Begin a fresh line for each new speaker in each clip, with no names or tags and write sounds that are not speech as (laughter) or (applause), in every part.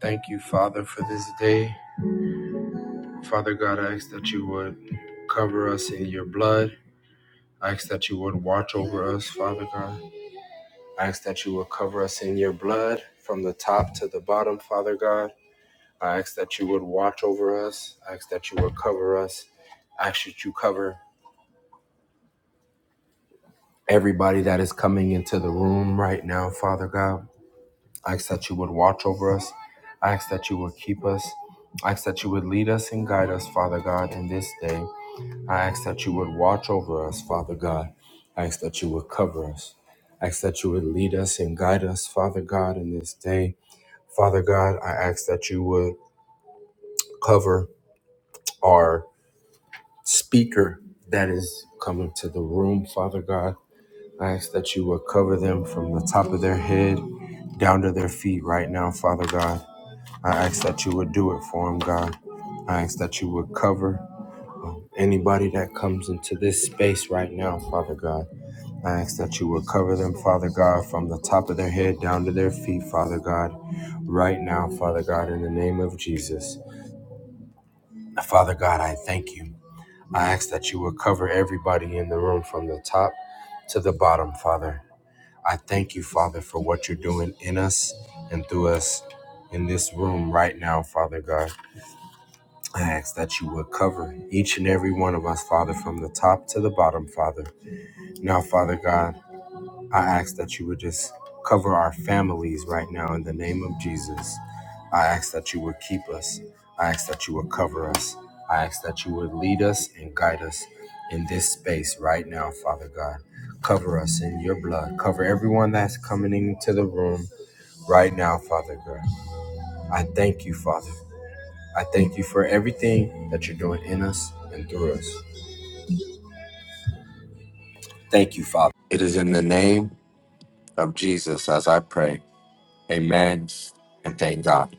Thank you, Father, for this day. Father God, I ask that you would cover us in your blood. I ask that you would watch over us, Father God. I ask that you would cover us in your blood from the top to the bottom, Father God. I ask that you would watch over us. I ask that you would cover us. I ask that you cover everybody that is coming into the room right now, Father God. I ask that you would watch over us. I ask that you would keep us. I ask that you would lead us and guide us, Father God, in this day. I ask that you would watch over us, Father God. I ask that you would cover us. I ask that you would lead us and guide us, Father God, in this day. Father God, I ask that you would cover our speaker that is coming to the room, Father God. I ask that you would cover them from the top of their head down to their feet right now, Father God. I ask that you would do it for them, God. I ask that you would cover um, anybody that comes into this space right now, Father God. I ask that you will cover them, Father God, from the top of their head down to their feet, Father God, right now, Father God, in the name of Jesus. Father God, I thank you. I ask that you will cover everybody in the room from the top to the bottom, Father. I thank you, Father, for what you're doing in us and through us in this room right now, Father God. I ask that you would cover each and every one of us, Father, from the top to the bottom, Father. Now, Father God, I ask that you would just cover our families right now in the name of Jesus. I ask that you would keep us. I ask that you would cover us. I ask that you would lead us and guide us in this space right now, Father God. Cover us in your blood. Cover everyone that's coming into the room right now, Father God. I thank you, Father. I thank you for everything that you're doing in us and through us. Thank you, Father. It is in the name of Jesus as I pray. Amen. And thank God.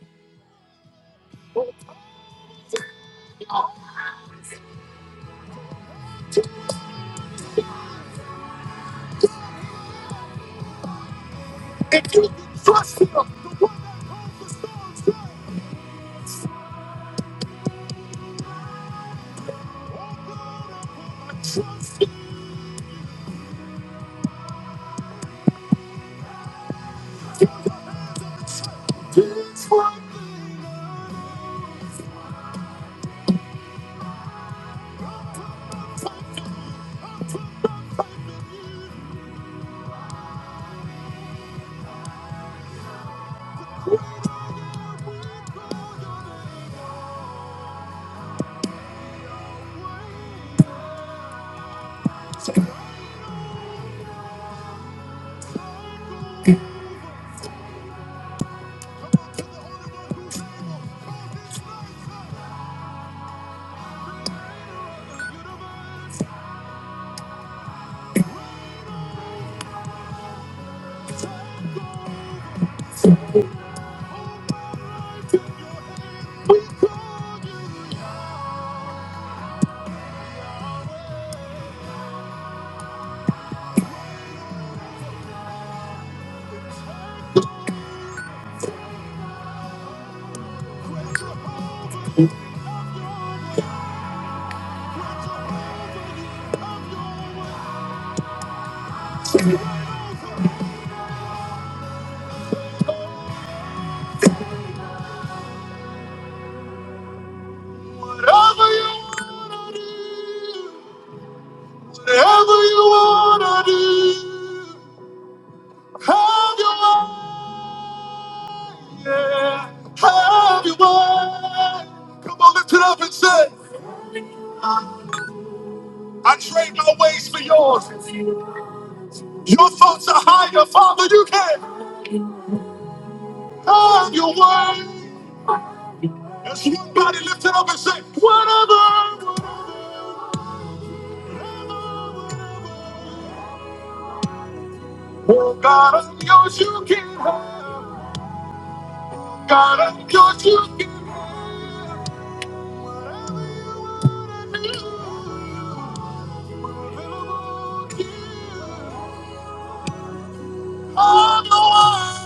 Whatever you wanna do, whatever you wanna do, have your way, yeah, have your way. Come on, lift it up and say, I trade my ways for yours. Your thoughts are higher, Father. You can have your way. As one body lift it up and say, whatever. Oh God, I'm yours. You can have. God, I'm yours. You can have your way.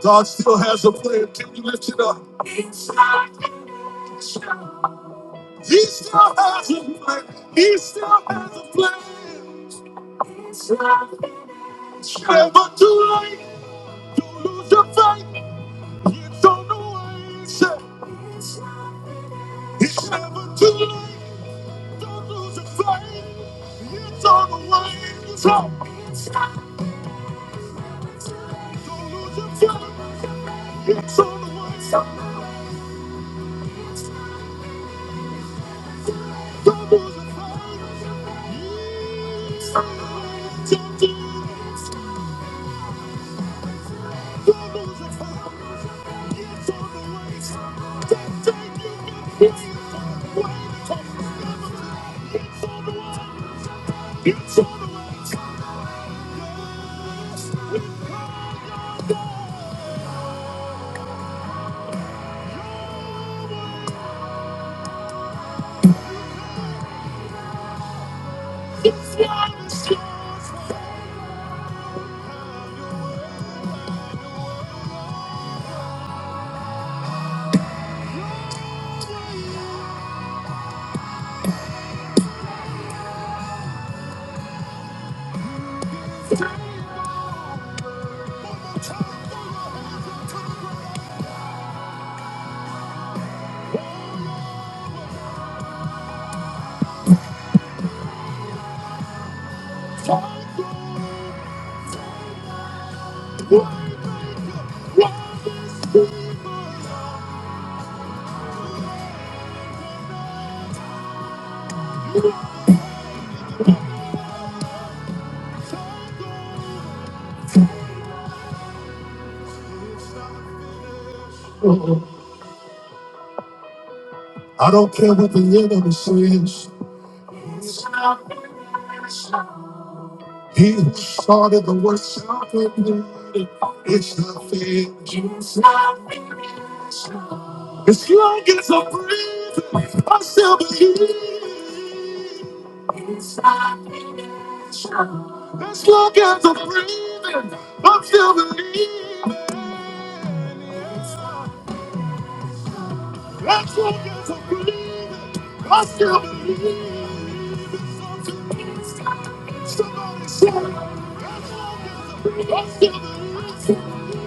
God still has a plan. Can you lift it up? He still has a plan. He still has a plan. It's never too late. Don't lose your faith. It's on the way. It's it's never too late. Don't lose your faith. It's on the way. It's up. Don't lose your faith. It's on the way. I don't care what the enemy says. He who started the work shall complete it. It's nothing. It's nothing. As long as I'm breathing, I still believe. As long as I'm breathing, I'm still believing. As long as I'm breathing, I still believe. Somebody say, as long as I'm breathing, I still believe.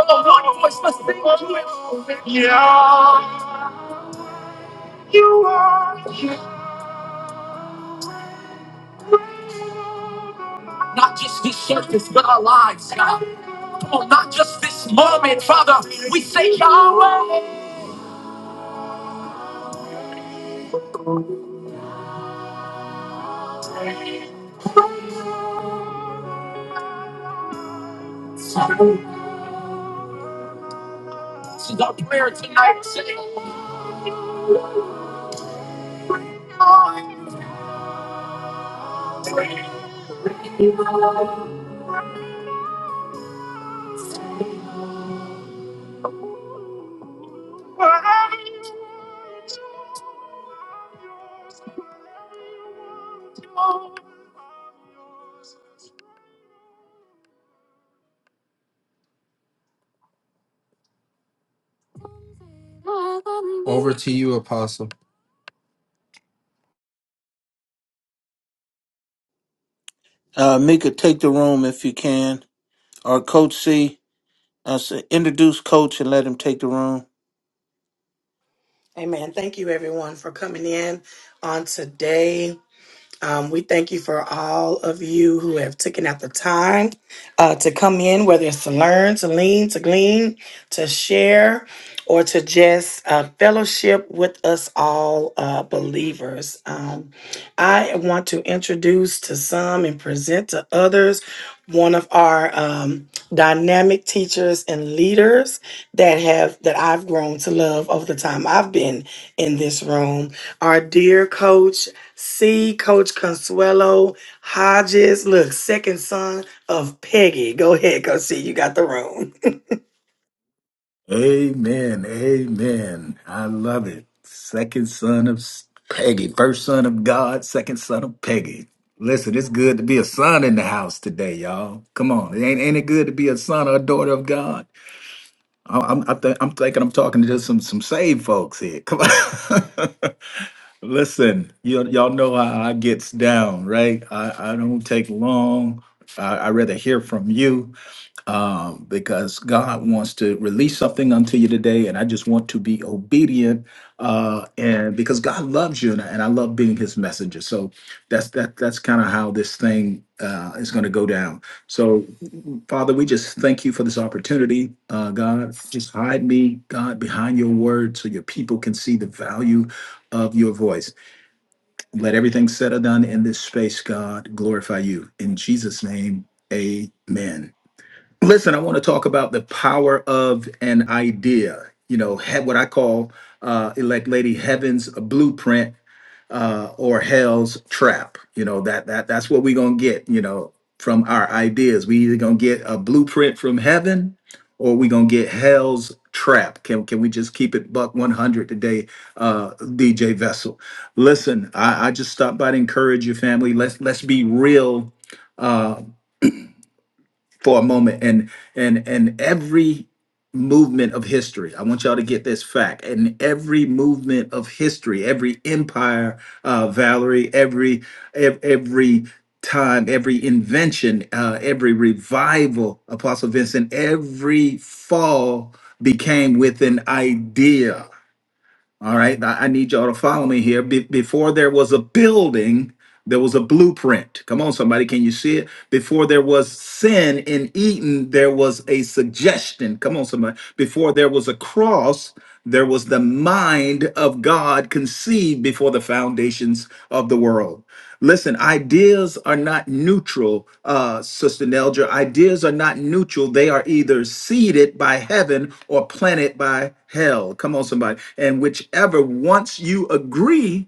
Oh, Lord, what's the thing to it? Not just this service, but our lives, God. Come on, not just this moment, Father. We say, Yahweh. This is our prayer tonight. Over to you, Apostle.
Uh, Mika, take the room if you can. Or Coach C, uh, s- introduce Coach and let him take the room.
Amen. Thank you, everyone, for coming in on today. Um, we thank you for all of you who have taken out the time uh, to come in, whether it's to learn, to lean, to glean, to share, or to just uh, fellowship with us all uh, believers. Um, I want to introduce to some and present to others one of our um, dynamic teachers and leaders that have that I've grown to love over the time I've been in this room. Our dear coach. C, Coach Consuelo Hodges. Look, second son of Peggy. Go ahead, Coach C. You got the room.
Amen. Amen. I love it. Second son of Peggy, first son of God, second son of Peggy. Listen, it's good to be a son in the house today, y'all. Come on, ain't ain't it good to be a son or a daughter of God? I- I'm I think I'm thinking I'm talking to just some some saved folks here. Come on, (laughs) listen, you y'all know how I gets down, right? I I don't take long. I I rather hear from you um, because God wants to release something unto you today, and I just want to be obedient, uh, and because God loves you, and I, and I love being His messenger. So that's that. That's kind of how this thing uh, is going to go down. So, Father, we just thank you for this opportunity, uh, God. Just hide me, God, behind Your Word, so Your people can see the value of Your voice. Let everything said or done in this space, God, glorify You in Jesus' name. Amen. Listen, I want to talk about the power of an idea. You know, he- what I call, uh, elect lady, heaven's blueprint uh, or hell's trap. You know that that that's what we're gonna get. You know, from our ideas, we either gonna get a blueprint from heaven, or we gonna get hell's trap. Can can we just keep it buck one hundred today, uh, DJ Vessel? Listen, I, I just stopped by to encourage your family. Let's let's be real uh, for a moment and and and every movement of history i want y'all to get this fact and every movement of history every empire uh valerie every ev- every time every invention uh every revival apostle vincent every fall became with an idea all right, now I need y'all to follow me here. Be- before there was a building, there was a blueprint. Come on, somebody, can you see it? Before there was sin in Eden, there was a suggestion. Come on, somebody. Before there was a cross, there was the mind of God conceived before the foundations of the world. Listen, ideas are not neutral, uh, Sister Nelger. Ideas are not neutral. They are either seeded by heaven or planted by hell. Come on, somebody. And whichever, once you agree,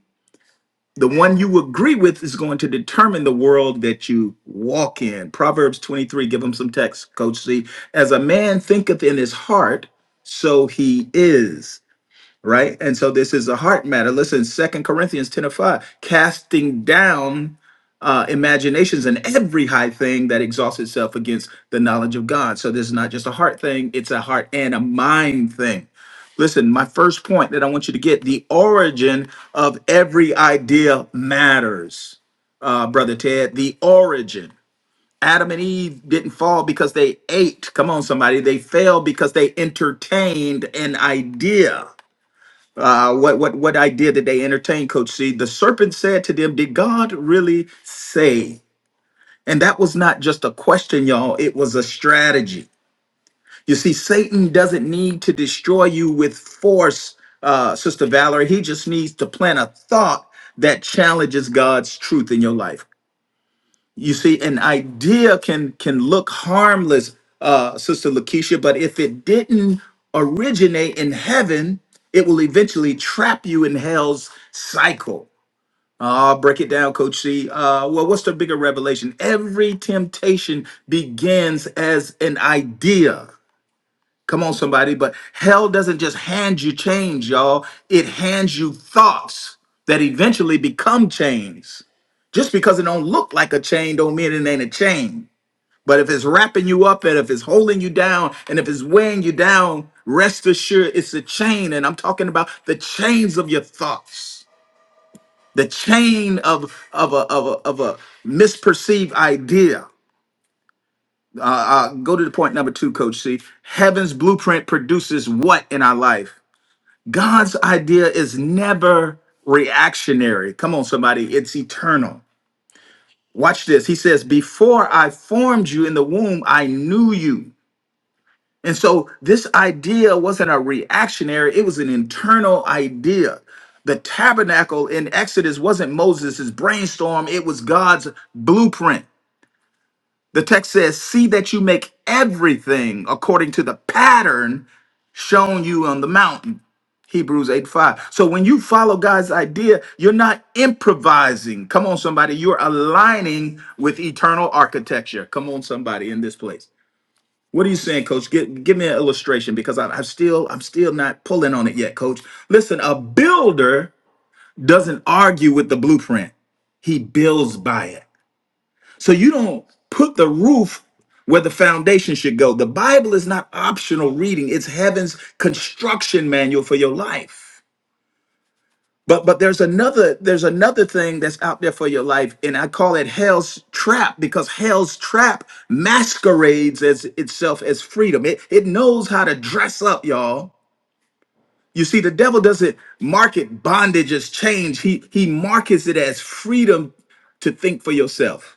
the one you agree with is going to determine the world that you walk in. Proverbs 23, give them some text, Coach C. As a man thinketh in his heart, so he is right? And so this is a heart matter. Listen, Second Corinthians 10 and 5, casting down uh, imaginations and every high thing that exhausts itself against the knowledge of God. So this is not just a heart thing, it's a heart and a mind thing. Listen, my first point that I want you to get the origin of every idea matters, uh, Brother Ted. The origin. Adam and Eve didn't fall because they ate. Come on, somebody. They fell because they entertained an idea uh, what what what idea did they entertain, Coach C? The serpent said to them, "Did God really say?" And that was not just a question, y'all. It was a strategy. You see, Satan doesn't need to destroy you with force, uh, Sister Valerie. He just needs to plant a thought that challenges God's truth in your life. You see, an idea can can look harmless, uh, Sister Lakeisha, but if it didn't originate in heaven, it will eventually trap you in hell's cycle. Uh, I'll break it down, Coach C. Uh, well, what's the bigger revelation? Every temptation begins as an idea. Come on, somebody. But hell doesn't just hand you change, y'all. It hands you thoughts that eventually become chains. Just because it don't look like a chain don't mean it ain't a chain. But if it's wrapping you up and if it's holding you down and if it's weighing you down, rest assured it's a chain. And I'm talking about the chains of your thoughts, the chain of of a of a, of a misperceived idea. Uh, uh, go to the point number two, Coach C. Heaven's blueprint produces what in our life? God's idea is never reactionary. Come on, somebody, it's eternal. Watch this. He says, Before I formed you in the womb, I knew you. And so this idea wasn't a reactionary, it was an internal idea. The tabernacle in Exodus wasn't Moses' brainstorm, it was God's blueprint. The text says, See that you make everything according to the pattern shown you on the mountain. Hebrews 8 5. So when you follow God's idea, you're not improvising. Come on, somebody. You're aligning with eternal architecture. Come on, somebody in this place. What are you saying, Coach? Give, give me an illustration because I, I'm still I'm still not pulling on it yet, Coach. Listen, a builder doesn't argue with the blueprint; he builds by it. So you don't put the roof where the foundation should go. The Bible is not optional reading; it's heaven's construction manual for your life. But but there's another there's another thing that's out there for your life, and I call it hell's trap because hell's trap masquerades as itself as freedom. It it knows how to dress up, y'all. You see, the devil doesn't market bondage as change. He he markets it as freedom to think for yourself.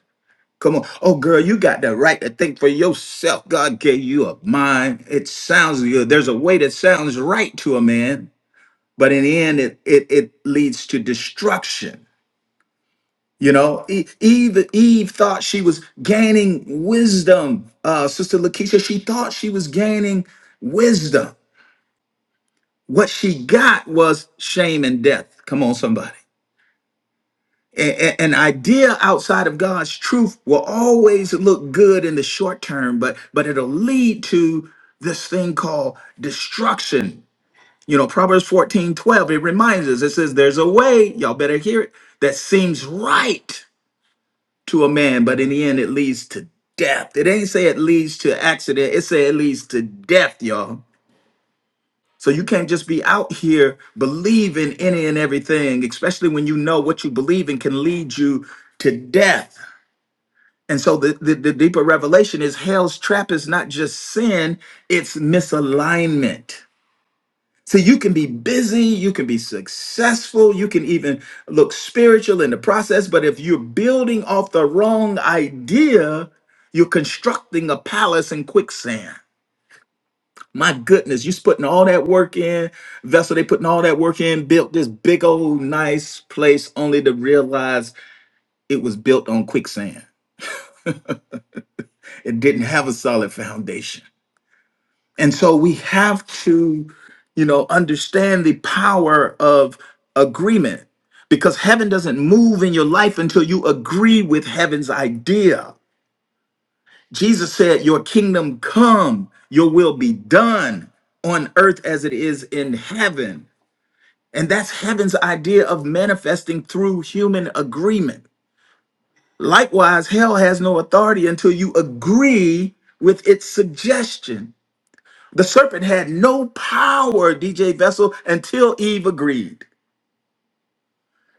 Come on. Oh, girl, you got the right to think for yourself. God gave you a mind. It sounds good. There's a way that sounds right to a man, but in the end, it, it, it leads to destruction. You know, E- Eve Eve thought she was gaining wisdom. Uh, Sister Lakeisha, she thought she was gaining wisdom. What she got was shame and death. Come on, somebody. A- a- an idea outside of God's truth will always look good in the short term, but but it'll lead to this thing called destruction. You know, Proverbs 14 12. it reminds us, it says, there's a way, y'all better hear it, that seems right to a man, but in the end it leads to death. It ain't say it leads to accident, it say it leads to death, y'all. So you can't just be out here believing any and everything, especially when you know what you believe in can lead you to death. And so the, the, the deeper revelation is hell's trap is not just sin, it's misalignment. So you can be busy, you can be successful, you can even look spiritual in the process. But if you're building off the wrong idea, you're constructing a palace in quicksand. My goodness, you're putting all that work in. Vessel, they putting all that work in, built this big old nice place only to realize it was built on quicksand. It didn't have a solid foundation. And so we have to, you know, understand the power of agreement because heaven doesn't move in your life until you agree with heaven's idea. Jesus said, Your kingdom come, your will be done on earth as it is in heaven. And that's heaven's idea of manifesting through human agreement. Likewise, hell has no authority until you agree with its suggestion. The serpent had no power, DJ Vessel, until Eve agreed.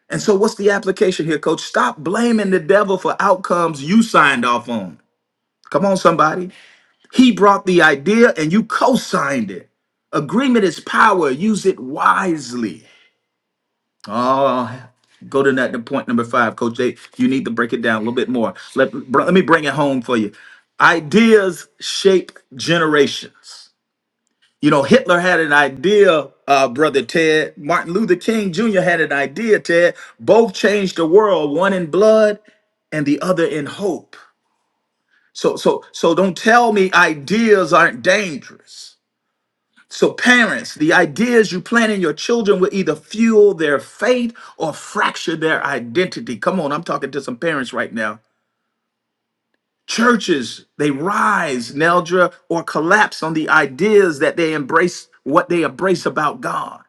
And so, what's the application here, coach? Stop blaming the devil for outcomes you signed off on. Come on, somebody. He brought the idea and you co signed it. Agreement is power, use it wisely. Oh, go to that to point number five, coach. Jay, you need to break it down a little bit more. Let, br- let me bring it home for you. Ideas shape generations. You know, Hitler had an idea, uh, brother Ted. Martin Luther King Jr. had an idea, Ted. Both changed the world, one in blood and the other in hope. So, so, so don't tell me ideas aren't dangerous. So, parents, the ideas you plant in your children will either fuel their faith or fracture their identity. Come on, I'm talking to some parents right now. Churches, they rise, Neldra, or collapse on the ideas that they embrace, what they embrace about God.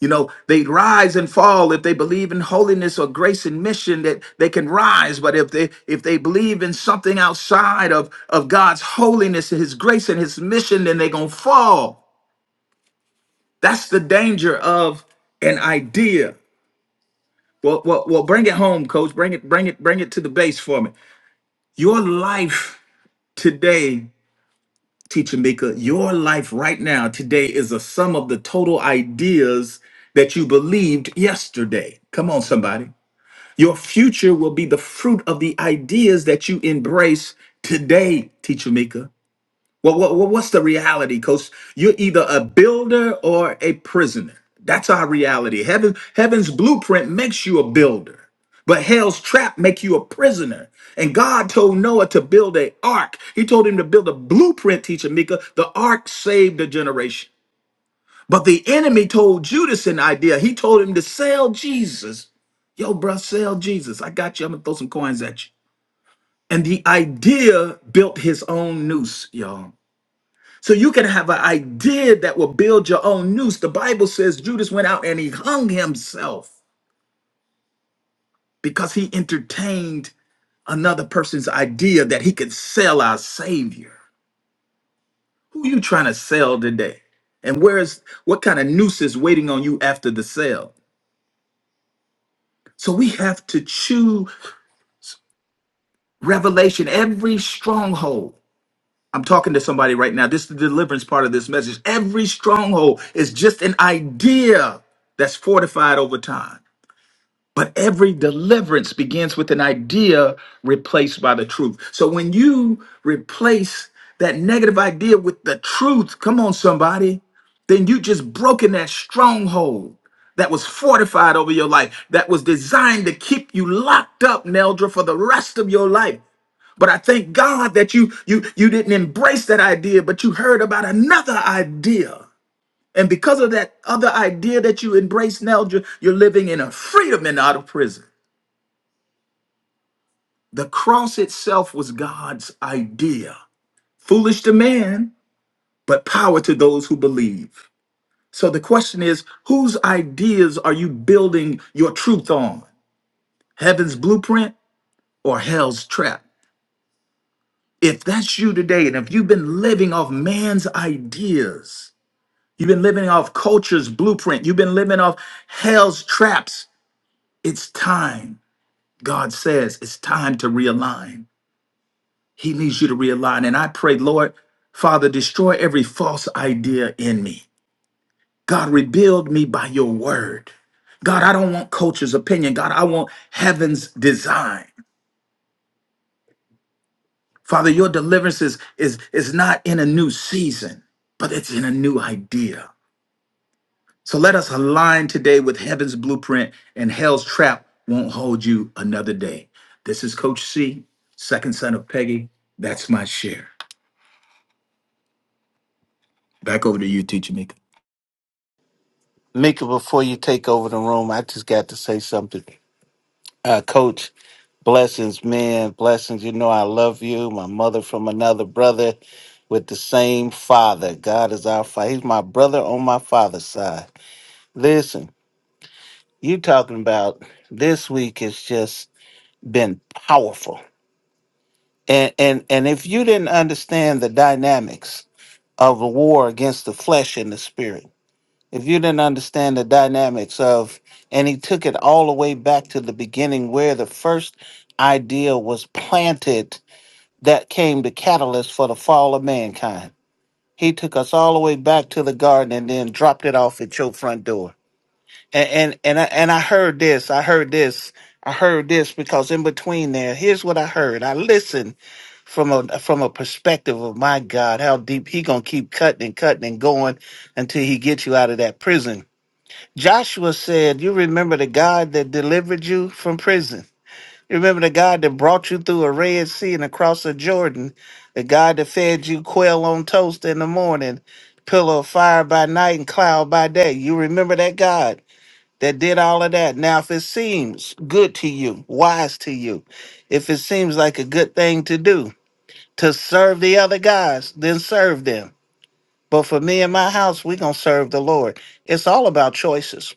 You know, they rise and fall if they believe in holiness or grace and mission that they can rise. But if they if they believe in something outside of, of God's holiness and his grace and his mission, then they're gonna fall. That's the danger of an idea. Well, well, well, bring it home, coach. Bring it, bring it, bring it to the base for me. Your life today, teacher Mika, your life right now, today is a sum of the total ideas that you believed yesterday. Come on, somebody. Your future will be the fruit of the ideas that you embrace today, Teacher Mika. Well, what, what- what's the reality, Coach? You're either a builder or a prisoner. That's our reality. Heaven, heaven's blueprint makes you a builder, but hell's trap make you a prisoner. And God told Noah to build an ark. He told him to build a blueprint, Teacher Mika. The ark saved a generation. But the enemy told Judas an idea. He told him to sell Jesus. Yo, bruh, sell Jesus. I got you. I'm gonna throw some coins at you. And the idea built his own noose, y'all. So you can have an idea that will build your own noose. The Bible says Judas went out and he hung himself because he entertained another person's idea that he could sell our Savior. Who you trying to sell today? And where is what kind of noose is waiting on you after the sale? So we have to chew. Revelation, every stronghold. I'm talking to somebody right now. This is the deliverance part of this message. Every stronghold is just an idea that's fortified over time. But every deliverance begins with an idea replaced by the truth. So when you replace that negative idea with the truth, come on, somebody, then you just broken that stronghold that was fortified over your life, that was designed to keep you locked up, Neldra, for the rest of your life. But I thank God that you you you didn't embrace that idea, but you heard about another idea. And because of that other idea that you embrace now, you're, you're living in a freedom and out of prison. The cross itself was God's idea. Foolish to man, but power to those who believe. So the question is, whose ideas are you building your truth on? Heaven's blueprint or hell's trap? If that's you today, and if you've been living off man's ideas, You've been living off culture's blueprint. You've been living off hell's traps. It's time. God says it's time to realign. He needs you to realign. And I pray, Lord, Father, destroy every false idea in me. God, rebuild me by your word. God, I don't want culture's opinion. God, I want heaven's design. Father, your deliverance is, is, is not in a new season, but it's in a new idea. So let us align today with heaven's blueprint and hell's trap won't hold you another day. This is Coach C, second son of Peggy. That's my share. Back over to you, Teacher Mika.
Mika, before you take over the room, I just got to say something. Uh, Coach, blessings, man, blessings. You know I love you. My mother from another brother with the same father. God is our father. He's my brother on my father's side. Listen, you talking about this week has just been powerful. And and and if you didn't understand the dynamics of a war against the flesh and the spirit. If you didn't understand the dynamics of, and he took it all the way back to the beginning where the first idea was planted that came the catalyst for the fall of mankind. He took us all the way back to the garden and then dropped it off at your front door. And and and I, and I heard this, I heard this, I heard this because in between there, here's what I heard. I listened from a from a perspective of my God, how deep he gonna keep cutting and cutting and going until he gets you out of that prison. Joshua said, You remember the God that delivered you from prison. You remember the God that brought you through a Red Sea and across the Jordan, the God that fed you quail on toast in the morning, pillar of fire by night and cloud by day. You remember that God that did all of that. Now, if it seems good to you, wise to you, if it seems like a good thing to do, to serve the other guys, then serve them. But for me and my house, we're going to serve the Lord. It's all about choices.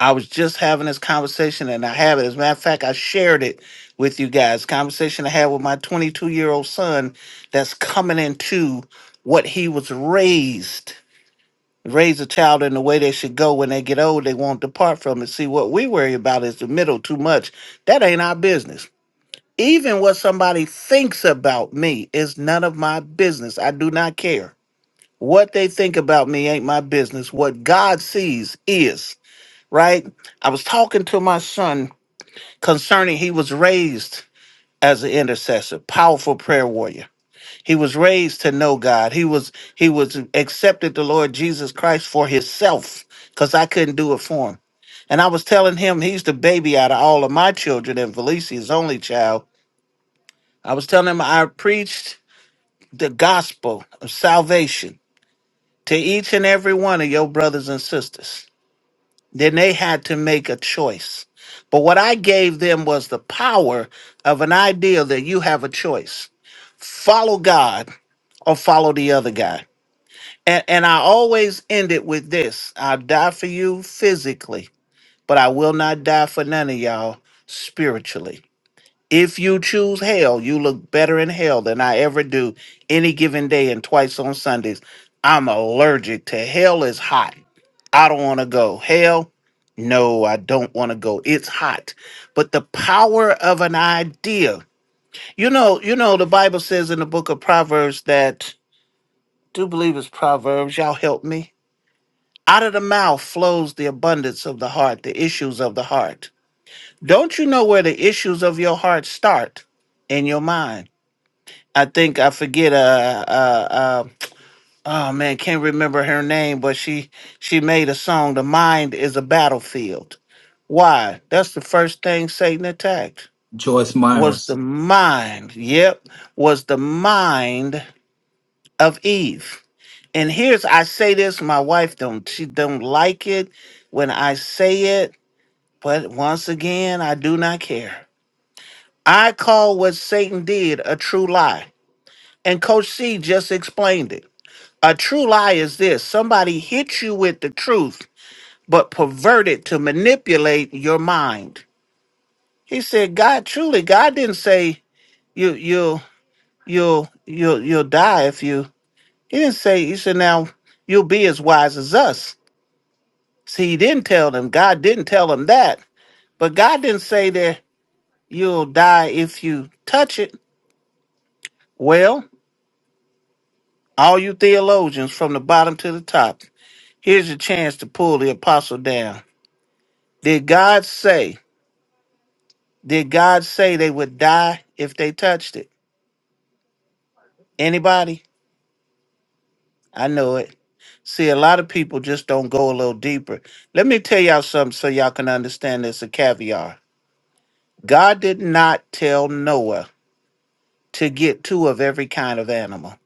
I was just having this conversation and I have it. As a matter of fact, I shared it with you guys. Conversation I had with my 22 year old son that's coming into what he was raised. Raise a child in the way they should go when they get old, they won't depart from it. See, what we worry about is the middle too much. That ain't our business even what somebody thinks about me is none of my business. I do not care. What they think about me ain't my business. What God sees is, right? I was talking to my son concerning he was raised as an intercessor, powerful prayer warrior. He was raised to know God. He was he was accepted the Lord Jesus Christ for himself cuz I couldn't do it for him. And I was telling him he's the baby out of all of my children and Felicia is only child. I was telling him I preached the gospel of salvation to each and every one of your brothers and sisters. Then they had to make a choice. But what I gave them was the power of an idea that you have a choice follow God or follow the other guy. And, and I always end it with this I'll die for you physically, but I will not die for none of y'all spiritually. If you choose hell, you look better in hell than I ever do any given day and twice on Sundays. I'm allergic to hell is hot. I don't want to go. Hell, no, I don't want to go. It's hot. But the power of an idea. You know, you know, the Bible says in the book of Proverbs that do believe it's Proverbs, y'all help me. Out of the mouth flows the abundance of the heart, the issues of the heart. Don't you know where the issues of your heart start? In your mind. I think I forget. Uh, uh, uh, oh man, can't remember her name, but she she made a song. The mind is a battlefield. Why? That's the first thing Satan attacked.
Joyce
Was the
Myers.
mind? Yep, was the mind of Eve. And here's I say this. My wife don't she don't like it when I say it, but once again, I do not care. I call what Satan did a true lie, and Coach C just explained it. A true lie is this somebody hit you with the truth, but pervert it to manipulate your mind. He said, God truly, God didn't say you you'll you'll you'll you'll die if you he didn't say he said now you'll be as wise as us. See he didn't tell them. God didn't tell them that. But God didn't say that you'll die if you touch it. Well, all you theologians from the bottom to the top, here's your chance to pull the apostle down. Did God say? Did God say they would die if they touched it? Anybody? I know it. See, a lot of people just don't go a little deeper. Let me tell y'all something so y'all can understand this a caviar. God did not tell Noah to get two of every kind of animal.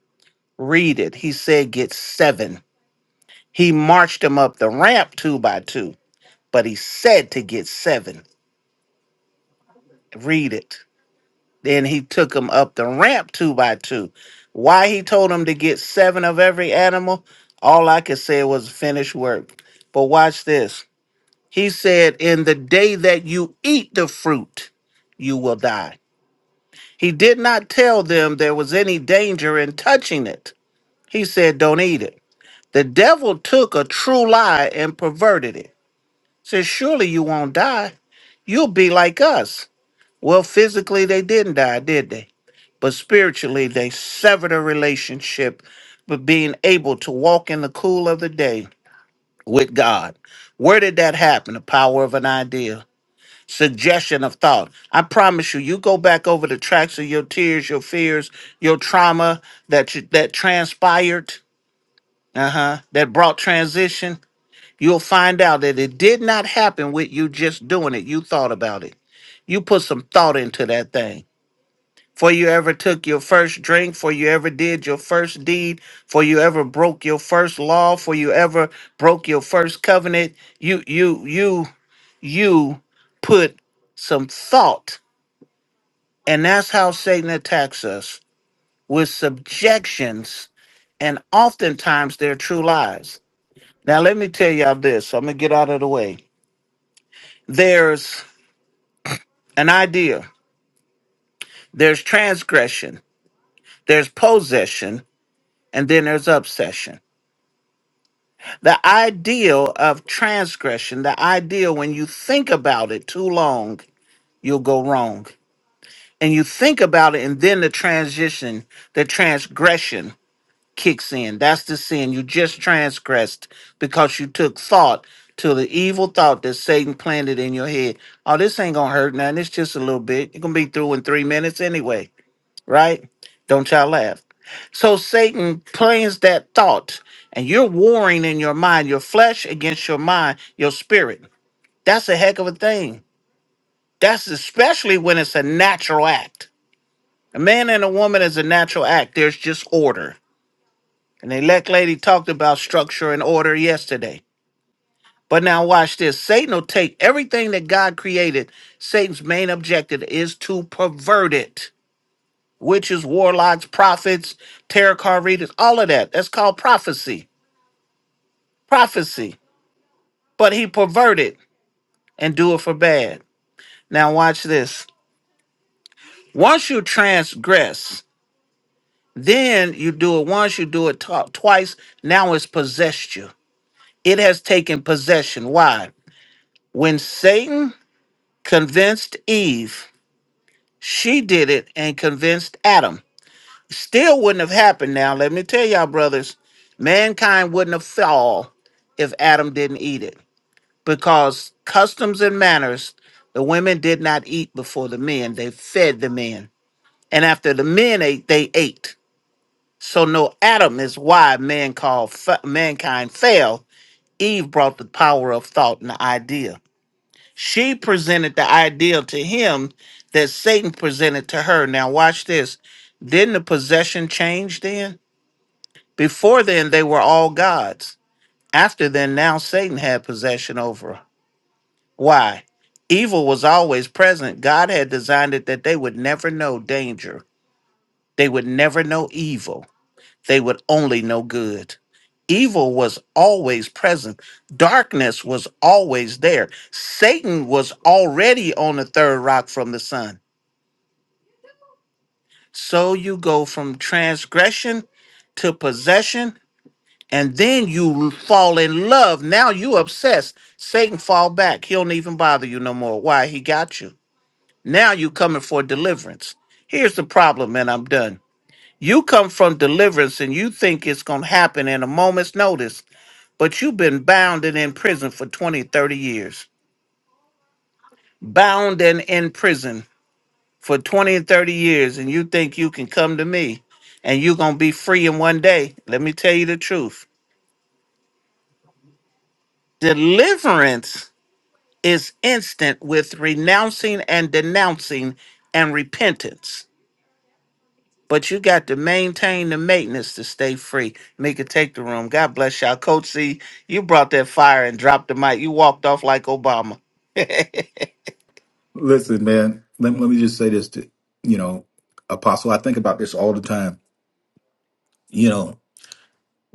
Read it. He said get seven. He marched them up the ramp two by two, but he said to get seven. Read it. Then he took them up the ramp two by two. Why he told them to get seven of every animal, all I could say was finished work. But watch this. He said, In the day that you eat the fruit, you will die. He did not tell them there was any danger in touching it. He said, Don't eat it. The devil took a true lie and perverted it. Said, Surely you won't die. You'll be like us. Well, physically, they didn't die, did they? but spiritually they severed a relationship but being able to walk in the cool of the day with god where did that happen the power of an idea suggestion of thought i promise you you go back over the tracks of your tears your fears your trauma that you, that transpired uh-huh that brought transition you'll find out that it did not happen with you just doing it you thought about it you put some thought into that thing for you ever took your first drink, for you ever did your first deed, for you ever broke your first law, for you ever broke your first covenant, you you you you put some thought. And that's how Satan attacks us with subjections and oftentimes they're true lies. Now let me tell y'all this. so I'm gonna get out of the way. There's an idea, there's transgression, there's possession, and then there's obsession The ideal of transgression, the ideal when you think about it too long, you'll go wrong. And you think about it, and then the transition, the transgression kicks in. That's the sin. You just transgressed because you took thought to the evil thought that Satan planted in your head. Oh, this ain't gonna hurt now. It's just a little bit. You're gonna be through in three minutes anyway right? Don't y'all laugh. So Satan plans that thought, and you're warring in your mind, your flesh against your mind, your spirit. That's a heck of a thing. That's especially when it's a natural act. A man and a woman is a natural act. There's just order. And the elect lady talked about structure and order yesterday. But now watch this. Satan will take everything that God created. Satan's main objective is to pervert it witches, warlocks, prophets, tarot card readers, all of that. That's called prophecy. Prophecy. But he perverted and do it for bad. Now watch this. Once you transgress, then you do it once, you do it tw- twice. Now it's possessed you. It has taken possession. Why? When Satan convinced Eve, she did it and convinced Adam. still wouldn't have happened now. Let me tell y'all, brothers, mankind wouldn't have fall if Adam didn't eat it because customs and manners, the women did not eat before the men, they fed the men. And after the men ate, they ate. So no Adam is why man called f- mankind fell. Eve brought the power of thought and the idea. She presented the idea to him that Satan presented to her. Now watch this. Didn't the possession change then? Before then, they were all gods. After then, now Satan had possession over. Why? Evil was always present. God had designed it that they would never know danger. They would never know evil. They would only know good. Evil was always present. Darkness was always there. Satan was already on the third rock from the sun. So you go from transgression to possession and then you fall in love. Now you obsessed. Satan fall back. He don't even bother you no more. Why? He got you. Now you coming for deliverance. Here's the problem, and I'm done. You come from deliverance and you think it's going to happen in a moment's notice, but you've been bound and in prison for 20, 30 years. Bound and in prison for 20 and 30 years, and you think you can come to me and you're going to be free in one day. Let me tell you the truth. Deliverance is instant with renouncing and denouncing and repentance. But you got to maintain the maintenance to stay free. Mika, take the room. God bless y'all. Coach C, you brought that fire and dropped the mic. You walked off like Obama. (laughs)
Listen, man, let, let me just say this to, you know, Apostle, I think about this all the time. You know,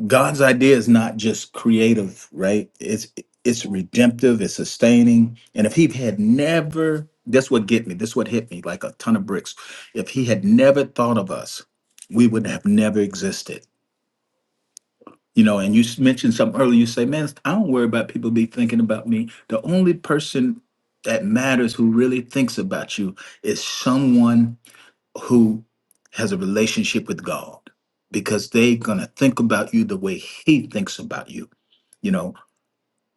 God's idea is not just creative, right? It's it's redemptive, it's sustaining. And if he had never, that's what get me, that's what hit me like a ton of bricks. If he had never thought of us, we would have never existed. You know, and you s- mentioned something earlier, you say, man, I don't worry about people be thinking about me. The only person that matters who really thinks about you is someone who has a relationship with God because they're going to think about you the way he thinks about you. You know,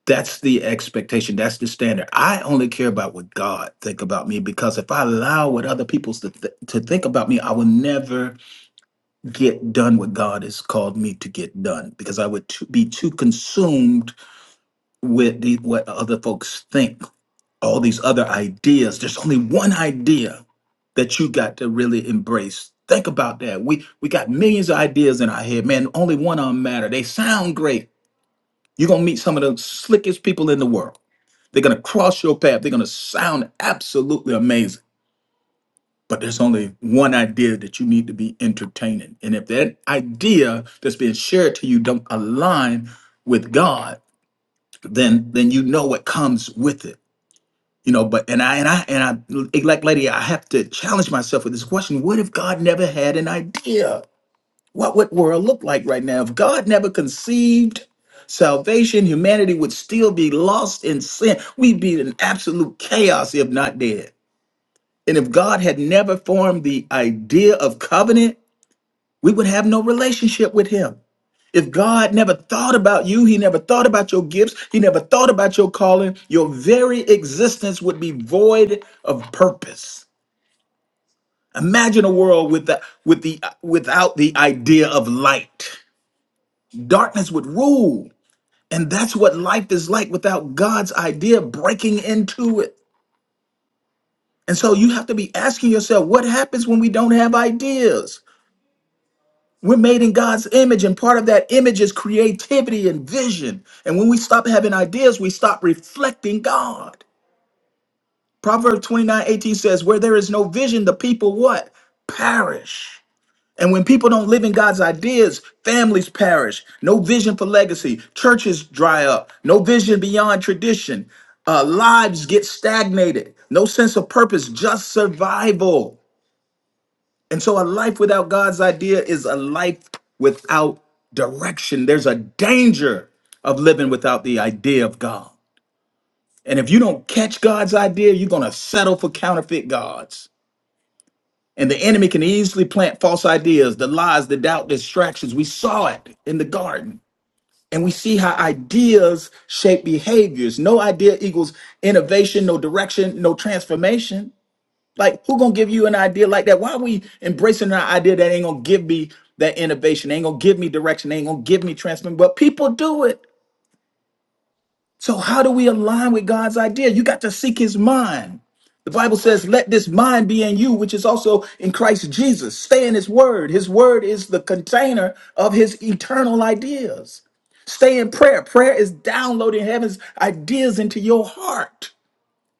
that's the expectation. That's the standard. I only care about what God think about me because if I allow what other people to, th- to think about me, I will never get done what God has called me to get done because I would t- be too consumed with the, what other folks think all these other ideas. There's only one idea that you got to really embrace. Think about that. We we got millions of ideas in our head, man. Only one of them matter. They sound great. You're gonna meet some of the slickest people in the world. They're gonna cross your path. They're gonna sound absolutely amazing. But there's only one idea that you need to be entertaining. And if that idea that's being shared to you don't align with God, then then you know what comes with it you know but and i and i and i like lady i have to challenge myself with this question what if god never had an idea what would world look like right now if god never conceived salvation humanity would still be lost in sin we'd be in absolute chaos if not dead and if god had never formed the idea of covenant we would have no relationship with him if God never thought about you, He never thought about your gifts, He never thought about your calling, your very existence would be void of purpose. Imagine a world with the, with the, without the idea of light. Darkness would rule. And that's what life is like without God's idea breaking into it. And so you have to be asking yourself what happens when we don't have ideas? We're made in God's image, and part of that image is creativity and vision. And when we stop having ideas, we stop reflecting God. Proverbs 29, 18 says, Where there is no vision, the people what? Perish. And when people don't live in God's ideas, families perish. No vision for legacy. Churches dry up. No vision beyond tradition. Uh, lives get stagnated. No sense of purpose, just survival. And so a life without God's idea is a life without direction. There's a danger of living without the idea of God. And if you don't catch God's idea, you're going to settle for counterfeit gods. And the enemy can easily plant false ideas, the lies, the doubt, distractions. We saw it in the garden. And we see how ideas shape behaviors. No idea equals innovation, no direction, no transformation. Like, who gonna give you an idea like that? Why are we embracing an idea that ain't gonna give me that innovation? Ain't gonna give me direction? Ain't gonna give me transformation? But people do it. So how do we align with God's idea? You got to seek His mind. The Bible says, "Let this mind be in you, which is also in Christ Jesus." Stay in His Word. His Word is the container of His eternal ideas. Stay in prayer. Prayer is downloading heaven's ideas into your heart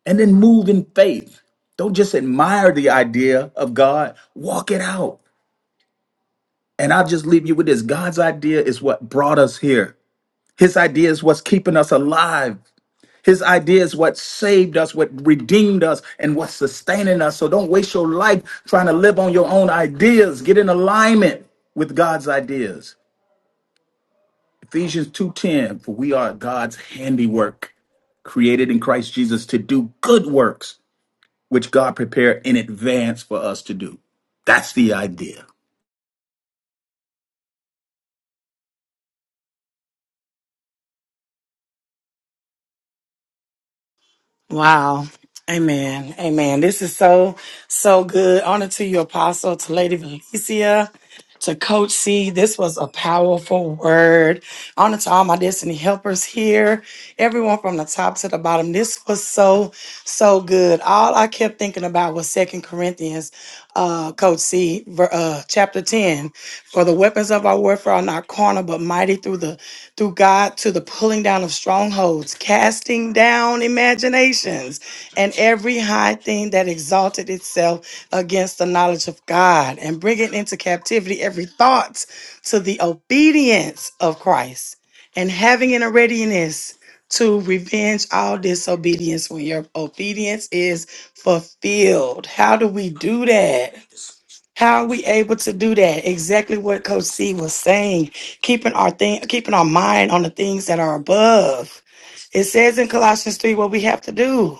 and then move in faith. Don't just admire the idea of God, walk it out. And I'll just leave you with this God's idea is what brought us here, His idea is what's keeping us alive. His idea is what saved us, what redeemed us, and what's sustaining us. So don't waste your life trying to live on your own ideas. Get in alignment with God's ideas. Ephesians 2:10, for we are God's handiwork, created in Christ Jesus to do good works which God prepared in advance for us to do. That's the idea.
Wow. Amen. Amen. This is so, so good. Honor to you, Apostle, to Lady Valencia, to Coach C. This was a powerful word. Honor to all my destiny helpers here, everyone from the top to the bottom. This was so, so good. All I kept thinking about was Second Corinthians, uh, Coach C, ver- uh, chapter 10. For the weapons of our warfare are not carnal, but mighty through the through God to the pulling down of strongholds, casting down imaginations, and every high thing that exalted itself against the knowledge of God, and bringing into captivity every thought to the obedience of Christ, and having in a readiness to revenge all disobedience when your obedience is fulfilled. How do we do that? How are we able to do that? Exactly what Coach C was saying. Keeping our thing, keeping our mind on the things that are above. It says in Colossians 3 what we have to do.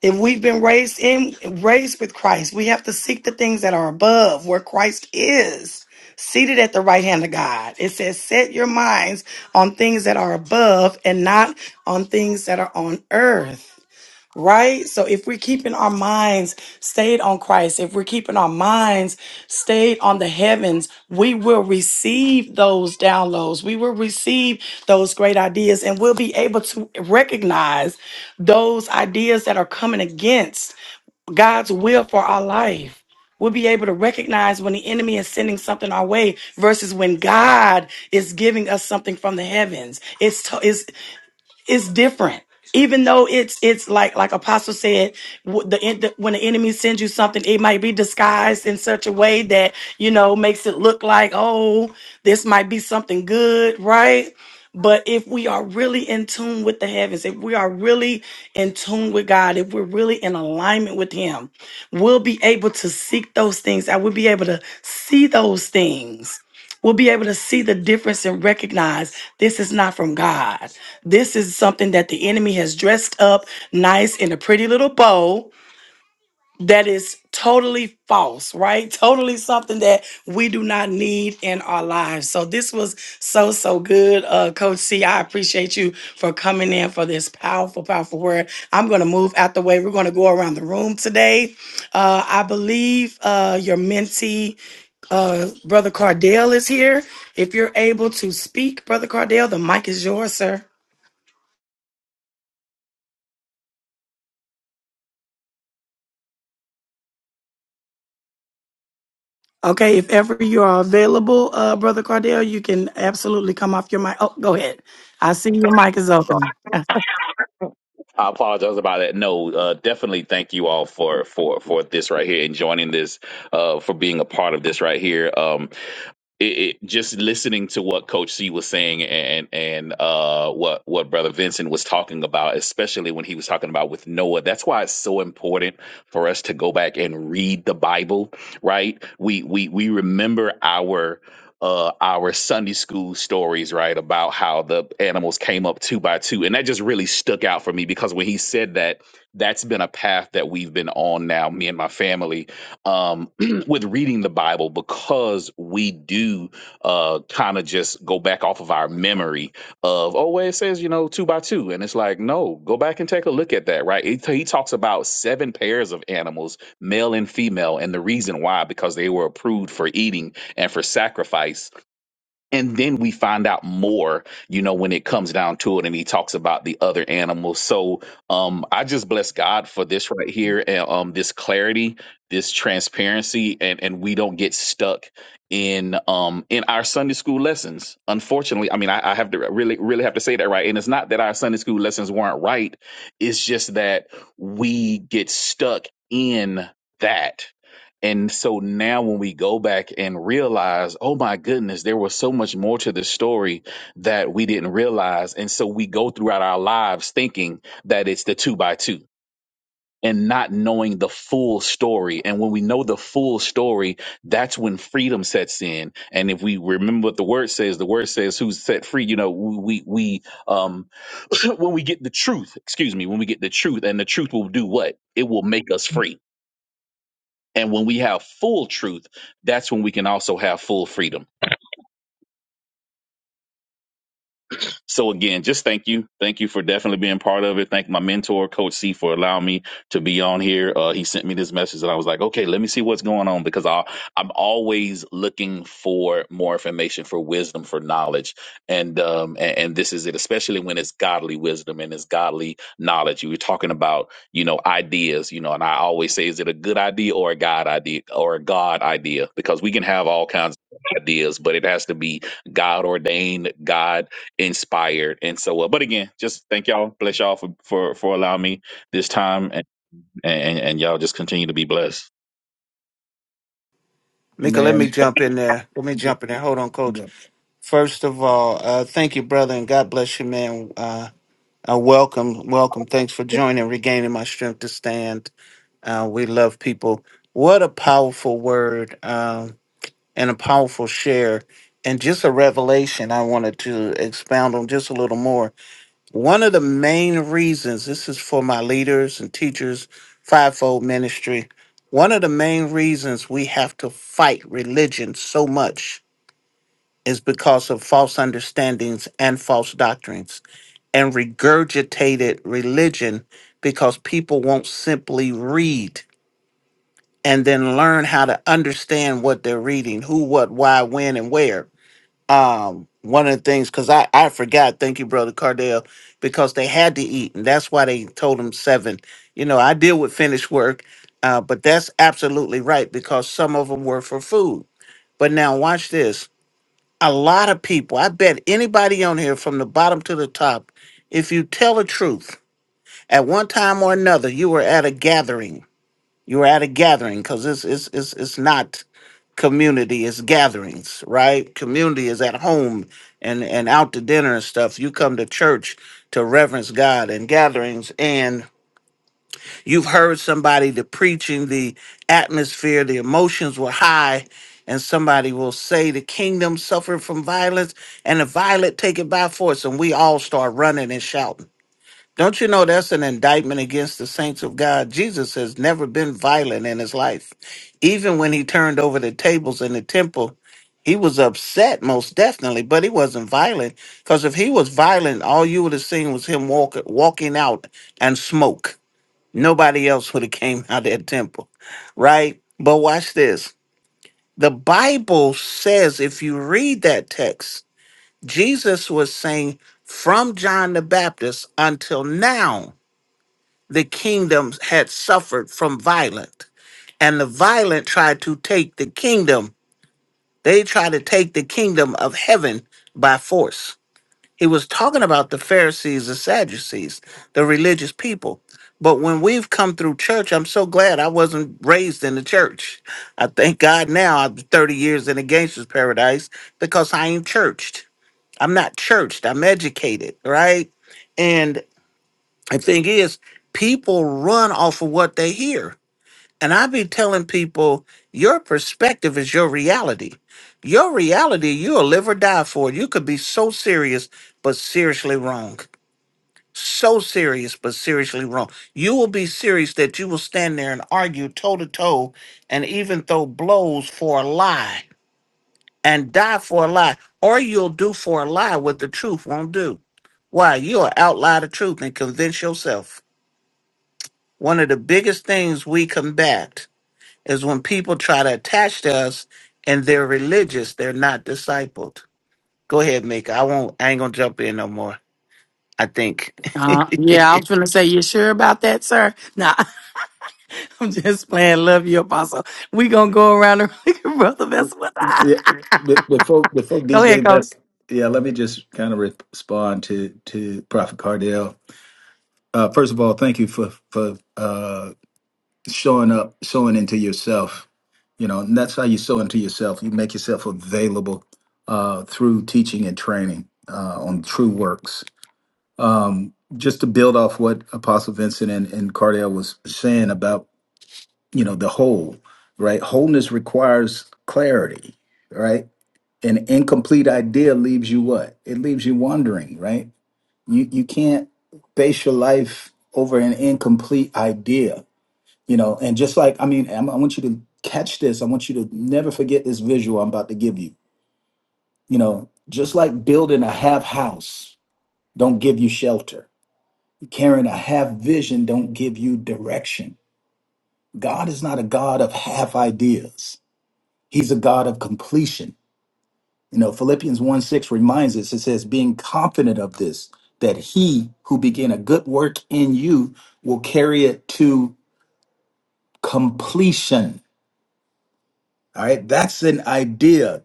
If we've been raised in raised with Christ, we have to seek the things that are above where Christ is, seated at the right hand of God. It says, set your minds on things that are above and not on things that are on earth right? So if we're keeping our minds stayed on Christ, if we're keeping our minds stayed on the heavens, we will receive those downloads. We will receive those great ideas and we'll be able to recognize those ideas that are coming against God's will for our life. We'll be able to recognize when the enemy is sending something our way versus when God is giving us something from the heavens. It's, to- it's it's different. Even though it's it's like like Apostle said, w- the, en- the when the enemy sends you something, it might be disguised in such a way that you know makes it look like oh this might be something good, right? But if we are really in tune with the heavens, if we are really in tune with God, if we're really in alignment with Him, we'll be able to seek those things. I will be able to see those things we will be able to see the difference and recognize this is not from God. This is something that the enemy has dressed up nice in a pretty little bow that is totally false, right? Totally something that we do not need in our lives. So this was so so good, uh, Coach C. I appreciate you for coming in for this powerful, powerful word. I'm going to move out the way. We're going to go around the room today. Uh, I believe uh, your mentee. Uh, Brother Cardell is here. If you're able to speak, Brother Cardell, the mic is yours, sir. Okay, if ever you are available, uh, Brother Cardell, you can absolutely come off your mic. Oh, go ahead. I see your mic is
Sorry.
open.
I apologize about that. No, uh, definitely thank you all for for for this right here and joining this, uh, for being a part of this right here. Um, it, it just listening to what Coach C was saying and and uh what what Brother Vincent was talking about, especially when he was talking about with Noah. That's why it's so important for us to go back and read the Bible, right? We we we remember our uh, our Sunday school stories, right, about how the animals came up two by two. And that just really stuck out for me because when he said that, that's been a path that we've been on now, me and my family, um, (clears throat) with reading the Bible because we do uh, kind of just go back off of our memory of, oh, well, it says, you know, two by two. And it's like, no, go back and take a look at that, right? It, he talks about seven pairs of animals, male and female, and the reason why, because they were approved for eating and for sacrifice and then we find out more you know when it comes down to it and he talks about the other animals so um i just bless god for this right here and um this clarity this transparency and and we don't get stuck in um in our sunday school lessons unfortunately i mean i, I have to really really have to say that right and it's not that our sunday school lessons weren't right it's just that we get stuck in that and so now when we go back and realize, oh my goodness, there was so much more to the story that we didn't realize. And so we go throughout our lives thinking that it's the two by two and not knowing the full story. And when we know the full story, that's when freedom sets in. And if we remember what the word says, the word says who's set free, you know, we, we, um, (clears throat) when we get the truth, excuse me, when we get the truth and the truth will do what? It will make us free and when we have full truth, that's when we can also have full freedom. So again, just thank you. Thank you for definitely being part of it. Thank my mentor, Coach C, for allowing me to be on here. Uh, he sent me this message and I was like, okay, let me see what's going on because I, I'm always looking for more information, for wisdom, for knowledge. And, um, and, and this is it, especially when it's godly wisdom and it's godly knowledge. You were talking about, you know, ideas, you know, and I always say, is it a good idea or a God idea or a God idea? Because we can have all kinds of ideas, but it has to be God ordained, god inspired. And so, uh, but again, just thank y'all, bless y'all for for for allowing me this time, and and, and y'all just continue to be blessed.
Mika, let me
Man,
jump in there. Let me
g-
jump in there. Hold on, Coach.
g-
First of all, uh, thank you, brother, and God bless you, man. Uh, uh, welcome, welcome. Thanks for joining, regaining my strength to stand. Uh, we love people. What a powerful word. Um, and a powerful share and just a revelation I wanted to expound on just a little more. One of the main reasons this is for my leaders and teachers, fivefold ministry. One of the main reasons we have to fight religion so much is because of false understandings and false doctrines and regurgitated religion because people won't simply read and then learn how to understand what they're reading, who, what, why, when, and where um one of the things because I, I forgot thank you brother cardell because they had to eat and that's why they told them seven you know i deal with finished work uh, but that's absolutely right because some of them were for food but now watch this a lot of people i bet anybody on here from the bottom to the top if you tell the truth at one time or another you were at a gathering you're at a gathering because it's it's it's it's not community, it's gatherings, right? Community is at home and and out to dinner and stuff. You come to church to reverence God and gatherings and you've heard somebody the preaching, the atmosphere, the emotions were high, and somebody will say the kingdom suffered from violence and the violent take it by force, and we all start running and shouting don't you know that's an indictment against the saints of God? Jesus has never been violent in his life. Even when he turned over the tables in the temple, he was upset most definitely, but he wasn't violent. Because if he was violent, all you would have seen was him walk, walking out and smoke. Nobody else would have came (laughs) out of that temple, right? But watch this. The Bible says if you read that text, Jesus was saying from John the Baptist until now the kingdom had suffered from violent, and the violent tried to take the kingdom. They tried to take the kingdom of heaven by force. He was talking about the Pharisees, the Sadducees, the religious people. But when we've come through church, I'm so glad I wasn't raised in the church. I thank God now I'm 30 years in a gangster's paradise because I ain't churched. I'm not churched. I'm educated, right? The thing is, people run off of what they hear. And I be telling people, your perspective is your reality. Your reality, you'll live or die for. You could be so serious, but seriously wrong. So serious, but seriously wrong. You will be serious that you will stand there and argue toe to toe and even throw blows for a lie and die for a lie. Or you'll do for a lie what the truth won't do. Why? You'll outlie the truth and convince yourself. One of the biggest things we combat is when people try to attach to us and they're religious, they're not discipled. Go ahead, Mika. I won't I ain't gonna jump in no more. I think.
Uh, yeah, I was going to say, you sure about that, sir? Nah, (laughs) I'm just playing. Love you, Apostle. we going to go around the (laughs) Brother Vessel.
yeah, be- before before
(laughs) go ahead,
DJ
Coach.
Best, yeah, let me just kind of respond to to Prophet Cardell. Uh, first of all, thank you for for uh, showing up, showing into yourself. You know, and that's how you sow into yourself. You make yourself available uh, through teaching and training uh, on true works. Um, just to build off what Apostle Vincent and, and Cardell was saying about you know the whole right wholeness requires clarity right an incomplete idea leaves you what it leaves you wondering right you you can't base your life over an incomplete idea you know and just like i mean I'm, i want you to catch this i want you to never forget this visual i'm about to give you you know just like building a half house don't give you shelter carrying a half vision don't give you direction god is not a god of half ideas He's a God of completion. You know, Philippians 1 6 reminds us, it says, being confident of this, that he who began a good work in you will carry it to completion. All right, that's an idea.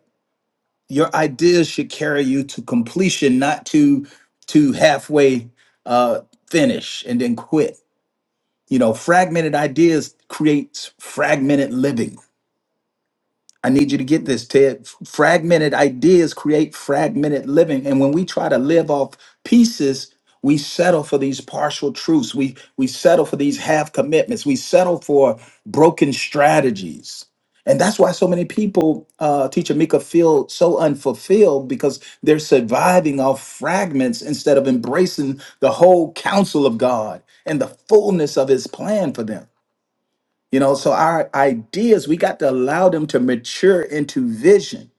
Your ideas should carry you to completion, not to to halfway uh, finish and then quit. You know, fragmented ideas creates fragmented living I need you to get this, Ted. Fragmented ideas create fragmented living. And when we try to live off pieces, we settle for these partial truths. We we settle for these half commitments. We settle for broken strategies. And that's why so many people, uh, teacher Mika, feel so unfulfilled because they're surviving off fragments instead of embracing the whole counsel of God and the fullness of his plan for them. You know, so our ideas, we got to allow them to mature into vision.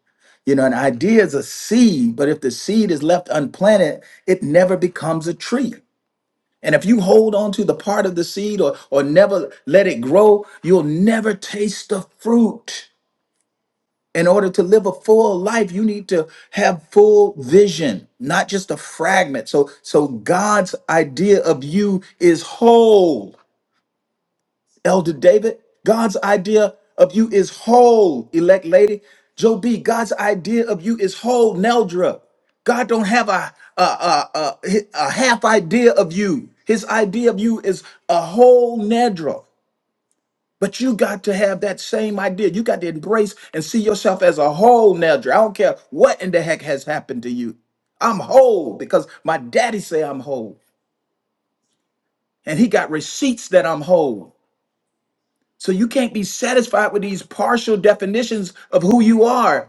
You know, an idea is a seed, but if the seed is left unplanted, it never becomes a tree. And if you hold on to the part of the seed or, or never let it grow, you'll never taste the fruit. In order to live a full life, you need to have full vision, not just a fragment. So, so God's idea of you is whole. Elder David, God's idea of you is whole, elect lady. Joe B, God's idea of you is whole, Neldra. God don't have a, a, a, a, a half idea of you. His idea of you is a whole Nedra. But you got to have that same idea. You got to embrace and see yourself as a whole Nedra. I don't care what in the heck has happened to you. I'm whole because my daddy say I'm whole. And he got receipts that I'm whole. So you can't be satisfied with these partial definitions of who you are.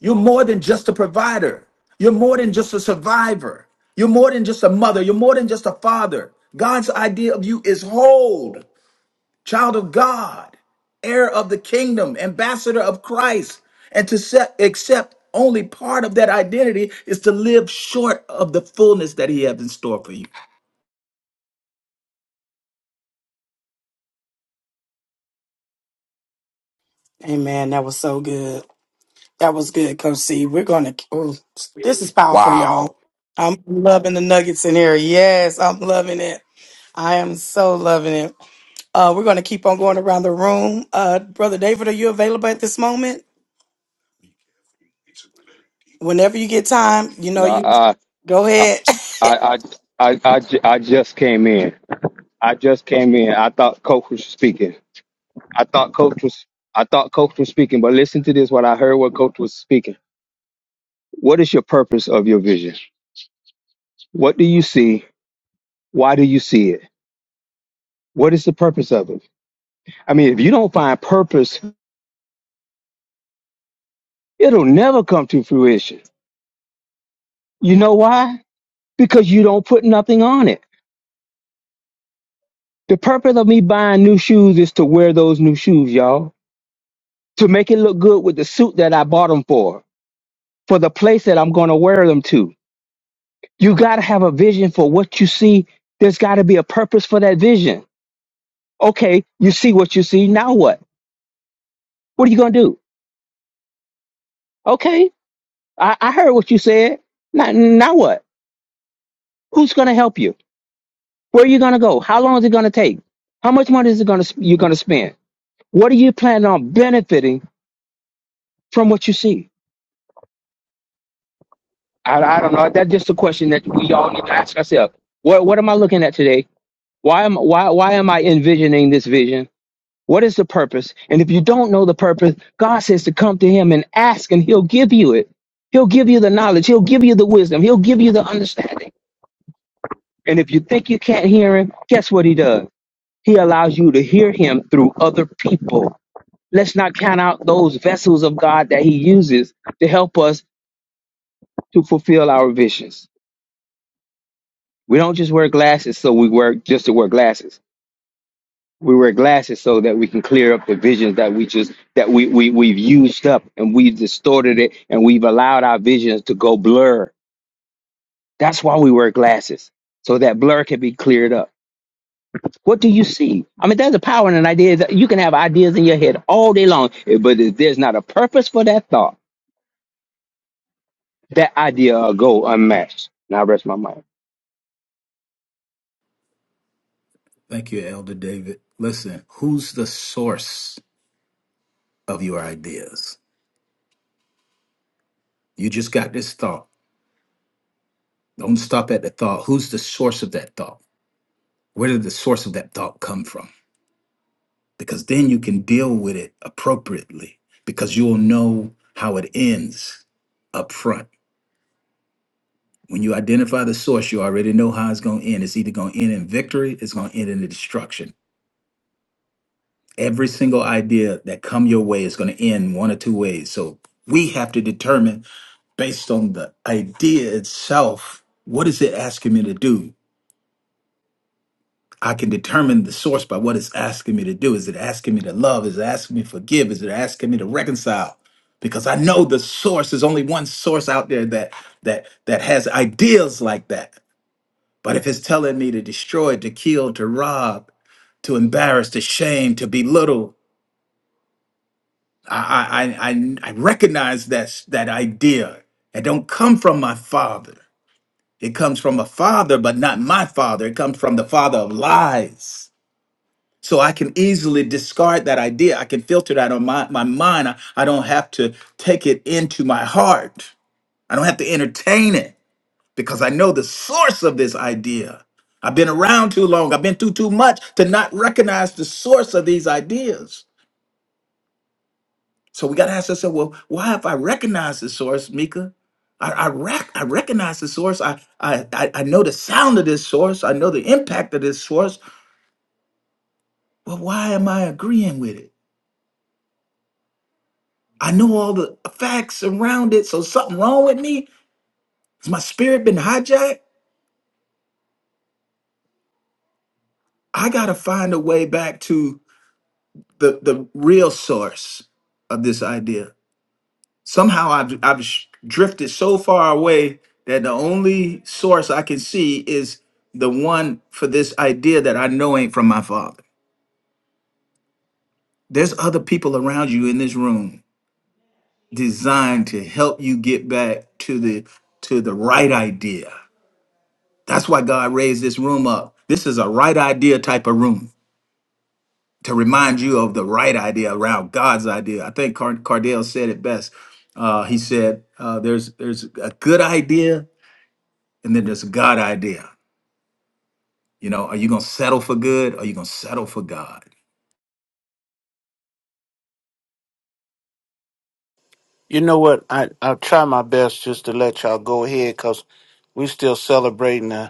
You're more than just a provider. You're more than just a survivor. You're more than just a mother. You're more than just a father. God's idea of you is whole, child of God, heir of the kingdom, ambassador of Christ. And to set, accept only part of that identity is to live short of the fullness that He has in store for you.
Amen. That was so good. That was good, Coach C. We're going to, oh, this is powerful, y'all. I'm loving the nuggets in here. Yes, I'm loving it. I am so loving it. Uh, we're going to keep on going around the room. Uh, Brother David, are you available at this moment? Whenever you get time, you know
And I,
you go
I, I,
ahead.
I, I, I, I just came in. I just came in. I thought coach was speaking. I thought coach was. I thought coach was speaking. But listen to this. What I heard. What coach was speaking. What is your purpose of your vision? What do you see? Why do you see it? What is the purpose of it? I mean, if you don't find purpose, it'll never come to fruition. You know why? Because you don't put nothing on it. The purpose of me buying new shoes is to wear those new shoes, y'all. to make it look good with the suit that I bought them for, for the place that I'm going to wear them to. You got to have a vision for what you see. There's got to be a purpose for that vision. Okay, you see what you see. Now what? What are you going to do? Okay, I, I heard what you said. Now, now what? Who's going to help you? Where are you going to go? How long is it going to take? How much money is it going to you're going to spend? What are you planning on benefiting from what you see? I, I don't know. That's just a question that we all need to ask ourselves. What What am I looking at today? Why am why why am I envisioning this vision? What is the purpose? And if you don't know the purpose, God says to come to him and ask and he'll give you it. He'll give you the knowledge, he'll give you the wisdom, he'll give you the understanding. And if you think you can't hear him, guess what he does? He allows you to hear him through other people. Let's not count out those vessels of God that he uses to help us to fulfill our visions. We don't just wear glasses so we wear just to wear glasses. we wear glasses so that we can clear up the visions that we just that we, we we've used up and we've distorted it and we've allowed our visions to go blur that's why we wear glasses so that blur can be cleared up what do you see i mean there's a power in an idea that you can have ideas in your head all day long eh, but if there's not a purpose for that thought that idea will go unmatched now rest my mind
Thank you, Elder David. Listen, who's the source of your ideas? You just got this thought. Don't stop at the thought. Who's the source of that thought? Where did the source of that thought come from? Because then you can deal with it appropriately because you'll know how it ends up front. When you identify the source, you already know how it's going to end. It's either going to end in victory, it's going to end in the destruction. Every single idea that come your way is going to end one or two ways. So we have to determine based on the idea itself, what is it asking me to do? I can determine the source by what it's asking me to do. Is it asking me to love? Is it asking me to forgive? Is it asking me to reconcile? Because I know the source. There's only one source out there that that that has ideas like that. But if it's telling me to destroy, to kill, to rob, to embarrass, to shame, to belittle, I I I, I I recognize that that idea. It don't come from my father. It comes from a father, but not my father. It comes from the father of lies So I can easily discard that idea. I can filter that on my, my mind. I, I don't have to take it into my heart. I don't have to entertain it because I know the source of this idea. I've been around too long. I've been through too much to not recognize the source of these ideas. So we got to ask ourselves, well, why have I recognized the source, Mika? I, I, rec- I recognize the source. I, I, I I know the sound of this source. I know the impact of this source. Well, why am I agreeing with it? I know all the facts around it. So something wrong with me? Has my spirit been hijacked? I gotta find a way back to the the real source of this idea. Somehow I've I've sh- drifted so far away that the only source I can see is the one for this idea that I know ain't from my father. There's other people around you in this room designed to help you get back to the to the right idea That's why God raised this room up. This is a right idea type of room to remind you of the right idea around God's idea. I think Car- Cardale said it best. Uh, he said, uh, "There's there's a good idea, and then there's a God idea. You know, are you gonna settle for good? Or are you gonna settle for God?"
(laughs) you know what? I, I'll try my best just to let y'all go ahead because we're still celebrating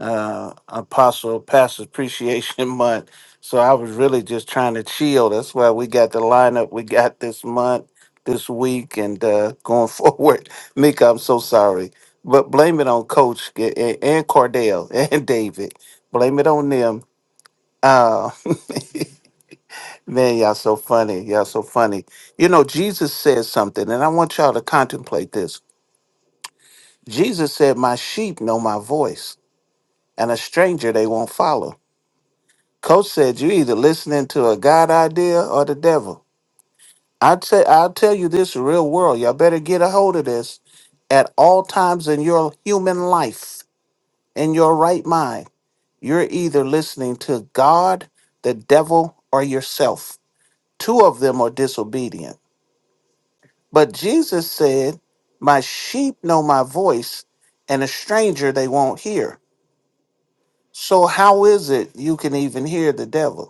uh, Apostle Pastor Appreciation (laughs) Month. So I was really just trying to chill. That's why we got the lineup we got this month, this week, and uh, going (laughs) forward. Mika, I'm so sorry. But blame it on Coach a- a- and Cordell and (laughs) David. Blame it on them. Uh, (laughs) man, y'all so funny. Y'all so funny. You know, Jesus said something, and I want y'all to contemplate this. Jesus said, My sheep know my voice, and a stranger they won't follow. Coach said you either listening to a God idea or the devil. I tell I'll tell you this real world. Y'all better get a hold of this at all times in your human life, in your right mind. You're either listening to God, the devil, or yourself. Two of them are disobedient. But Jesus said, My sheep know my voice, and a stranger they won't hear. So how is it you can even hear the devil?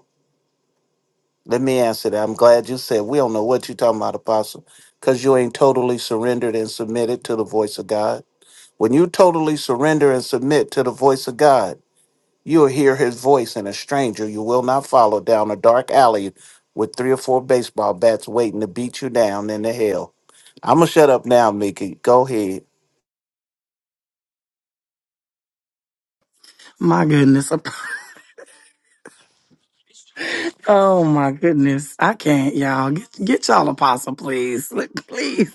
Let me answer that. I'm glad you said we don't know what you're talking about, Apostle, because you ain't totally surrendered and submitted to the voice of God. When you totally surrender and submit to the voice of God, you'll hear his voice and a stranger you will not follow down a dark alley with three or four baseball bats waiting to beat you down in the hell. I'm going to shut up now, Mickey. Go ahead.
(laughs) My goodness. (laughs) Oh my goodness. I can't, y'all. Get, get y'all apostle, please. Look, please.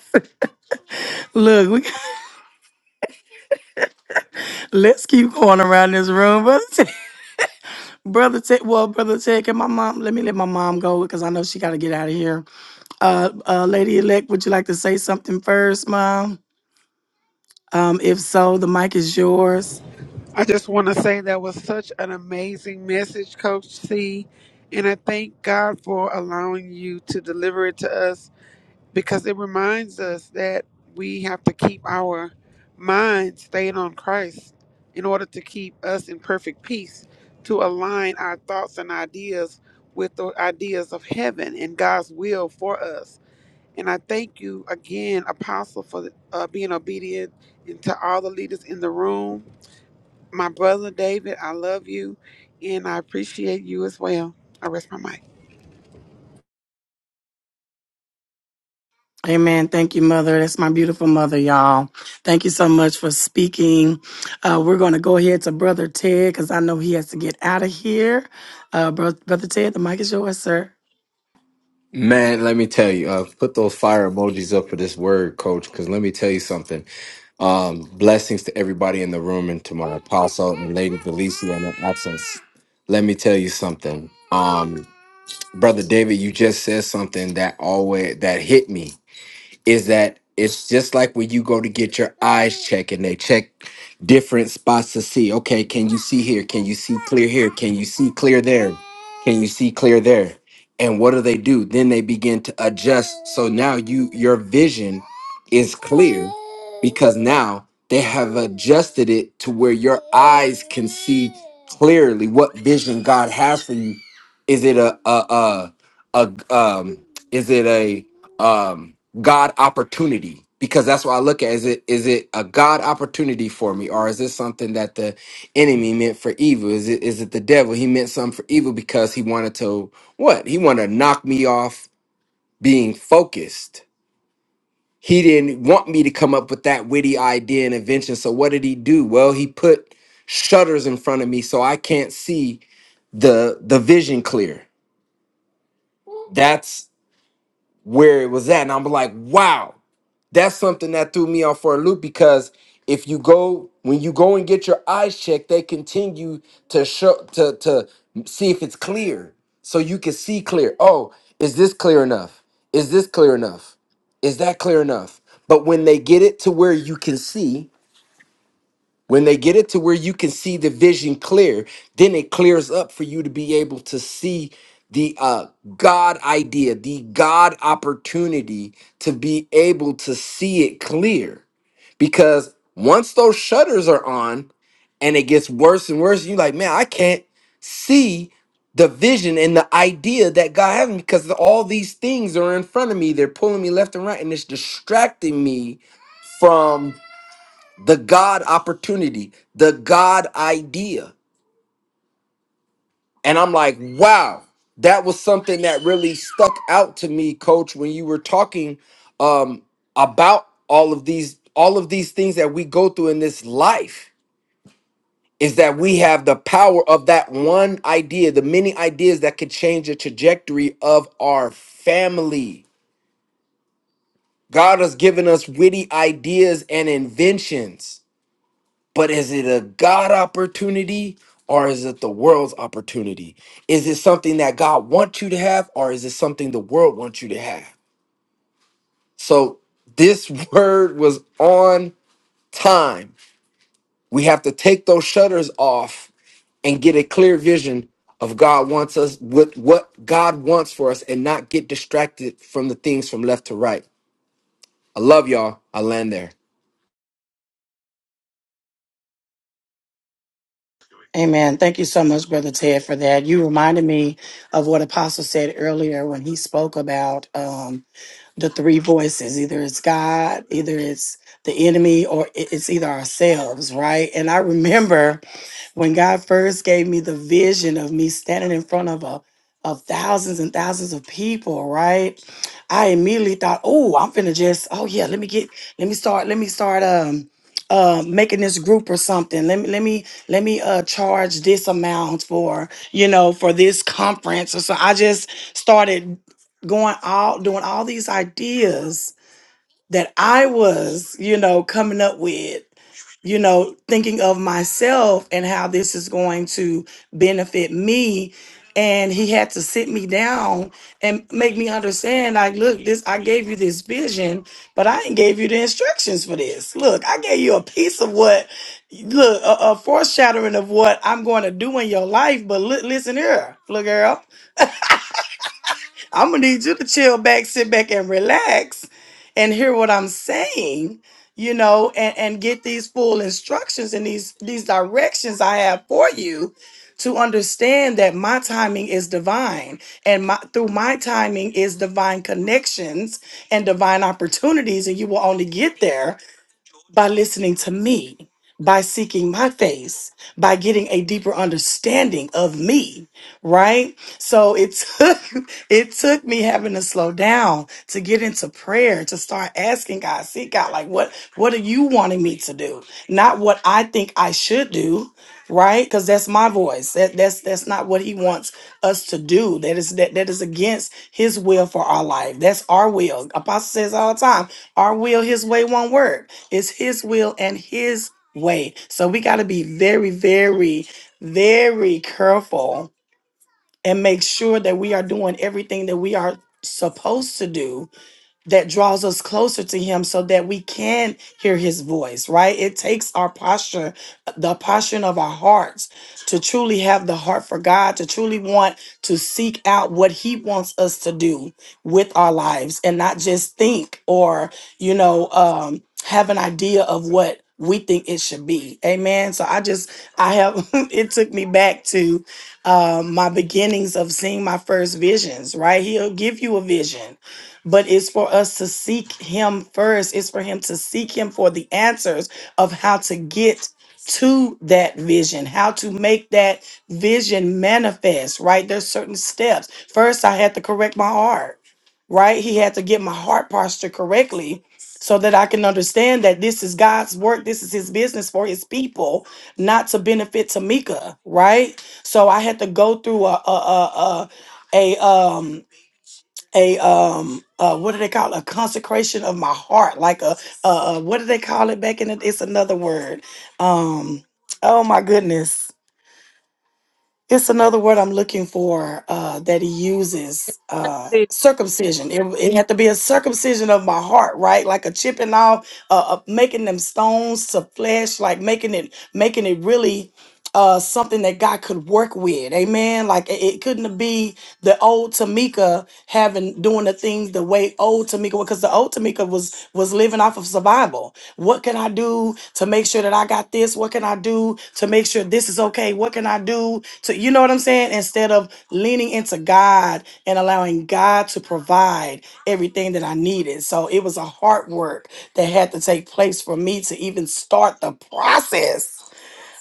(laughs) Look, we, let's keep going around this room. (laughs) Brother Ted, Brother Ted, well, Brother Ted, can my mom, let me let my mom go because I know she got to get out of here. Uh, uh, Lady Elect, would you like to say something first, Mom? Um, if so, the mic is yours.
I just want to say that was such an amazing message, Coach C. And I thank God for allowing you to deliver it to us because it reminds us that we have to keep our mind stayed on Christ in order to keep us in perfect peace, to align our thoughts and ideas with the ideas of heaven and God's will for us. And I thank you again, Apostle, for uh, being obedient and to all the leaders in the room my brother David, I love you and I appreciate you as well. I rest my mic.
Amen. Thank you, Mother. That's my beautiful mother, y'all. Thank you so much for speaking. Uh, we're going to go ahead to Brother Ted because I know he has to get out of here. Uh, Bro- Brother Ted, the mic is yours, sir.
Man, let me tell you, uh, put those fire emojis up for this word, coach, because let me tell you something. Um, blessings to everybody in the room and to my apostle and Lady Felicia in her absence. Let me tell you something. Um, Brother David, you just said something that always that hit me is that it's just like when you go to get your eyes checked and they check. different spots to see. Okay, can you see here? Can you see clear here? Can you see clear there? Can you see clear there? And what do they do? Then they begin to adjust. So now you your vision is clear because now they have adjusted it to where your eyes can see clearly what vision God has for you. Is it a a a, a um is it a um God opportunity? Because that's what I look at. Is it is it a God opportunity for me, or is this something that the enemy meant for evil? Is it is it the devil? He meant something for evil because he wanted to what? He wanted to knock me off being focused. He didn't want me to come up with that witty idea and invention. So what did he do? Well, he put shutters in front of me so I can't see the the vision clear. That's where it was at. And I'm like, wow, that's something that threw me off for a loop because if you go when you go and get your eyes checked, they continue to show to to see if it's clear. So you can see clear. Oh, is this clear enough? Is this clear enough? Is that clear enough? But when they get it to where you can see, when they get it to where you can see the vision clear, then it clears up for you to be able to see the uh, God idea, the God opportunity to be able to see it clear. Because once those shutters are on and it gets worse and worse, you're like, man, I can't see the vision and the idea that God has me because all these things are in front of me. They're pulling me left and right and it's distracting me from the God opportunity, the God idea. And I'm like, wow, that was something that really stuck out to me, coach, when you were talking um, about all of these all of these things that we go through in this life is that we have the power of that one idea, the many ideas that could change the trajectory of our family. God has given us witty ideas and inventions But is it a God opportunity or is it the world's opportunity? Is it something that God wants you to have or is it something the world wants you to have? So this (laughs) word was on time. We have to take those shutters off and get a clear vision of God wants us with what God wants for us and not get distracted from the things from left to right. I love y'all. I land there.
Amen. Thank you so much, Brother Ted, for that. You reminded me of what Apostle said earlier when he spoke about. um, the three voices either it's god either it's the enemy or i- it's either ourselves right and i remember when God first gave me the vision of me standing in front of a of thousands and thousands of people, right? I immediately thought, oh, I'm finna just, oh yeah, let me get, let me start, let me start um uh making this group or something. Let me let me let me uh charge this amount for, you know, for this conference. Or so I just started going all doing all these ideas that I was, you know, coming up with you know, thinking of myself and how this is going to benefit me. And he had to sit me down and make me understand, like, look, this I gave you this vision, but I ain't gave you the instructions for this. Look, I gave you a piece of what, look, a, a foreshadowing of what I'm going to do in your life. But look, listen here, look, girl. I'm gonna need you to chill back, sit back, and relax, and hear what I'm saying. You know, and and get these full instructions and these these directions I have for you to understand that my timing is divine and my through my timing is divine connections and divine opportunities and you will only get there by listening to me, by seeking my face, by getting a deeper understanding of me, right? So it took (laughs) it took me having to slow down to get into prayer, to start asking God, seek God, like what what are you wanting me to do? Not what I think I should do, right? Because that's my voice. That that's that's not what He wants us to do. That is that that is against His will for our life. That's our will. Apostle says all the time, our will, His way, won't work. It's his will and his way. So we got to be very, very, very careful and make sure that we are doing everything that we are supposed to do that draws us closer to him so that we can hear his voice right it takes our posture the posture of our hearts to truly have the heart for god to truly want to seek out what he wants us to do with our lives and not just think or you know um have an idea of what we think it should be amen so i just i have (laughs) it took me back to um my beginnings of seeing my first visions right he'll give you a vision but it's for us to seek him first it's for him to seek him for the answers of how to get to that vision how to make that vision manifest right there's certain steps first i had to correct my heart right he had to get my heart posture correctly so that i can understand that this is god's work this is his business for his people not to benefit tamika right so i had to go through a a a, a a um a um uh what do they call it? a consecration of my heart like a uh what do they call it back in the, it's another word um oh my goodness it's another word I'm looking for uh, that he uses uh, circumcision. It, it had to be a circumcision of my heart, right? Like a chipping off, uh, uh, making them stones to flesh, like making it, making it really uh, something that God could work with. Amen. Like it, it couldn't be the old Tamika having doing the things the way old Tamika because the old Tamika was was living off of survival. What can I do? to make sure that I got this? What can I do to make sure this is okay? What can I do to, you know what I'm saying? Instead of leaning into God and allowing God to provide everything that I needed. So it was a hard work that had to take place for me to even start the process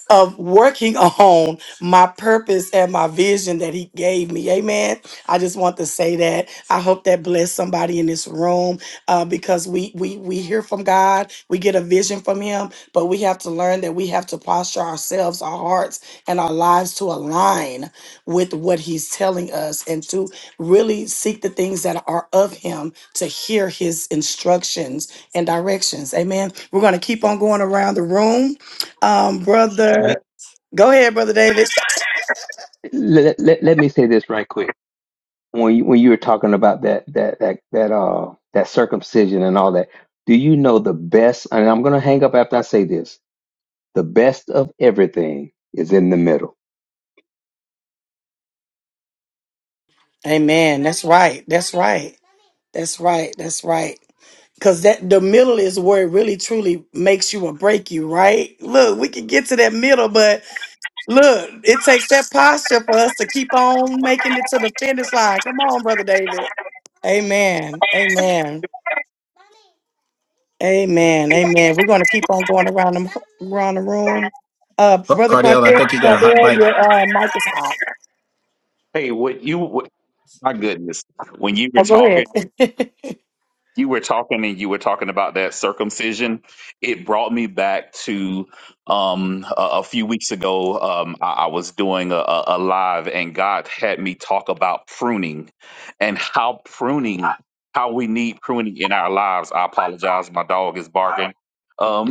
of working (laughs) on my purpose and my vision that he gave me. Amen. I just want to say that. I hope that blessed somebody in this room uh, because we we we hear from God, we get a vision from him, but we have to learn that we have to posture ourselves, our hearts, and our lives to align with what he's telling us and to really seek the things that are of him to hear his instructions and directions. Amen. We're going to keep on going around the room. Um, brother.
Me,
Go ahead, Brother David.
let, let, let me say this right quick when you, when you were talking about that that that that uh that circumcision and all that, do you know the best? And I'm gonna hang up after I say this. The best of everything is in the middle.
Amen. That's right. That's right. That's right. That's right. Cause that the middle is where it really truly makes you or break you, right? Look, we can get to that middle, but look, it takes that posture for us to keep on making it to the finish line. Come on, brother David. Amen. Amen. Amen. Amen. We're gonna keep on going around the around the room. Uh,
Car-
brother
Cardale, I
Cardell,
think you got a hot
Cardell,
bite.
your uh, mic is hot.
Hey, what you? What, my goodness. When you were
Oh, go
talking.
ahead. (laughs)
you were talking and you were talking about that circumcision it brought me back to um a, a few weeks ago um i, I was doing a, a a live and god had me talk about pruning and how pruning how we need pruning in our lives i apologize my dog is barking um (laughs)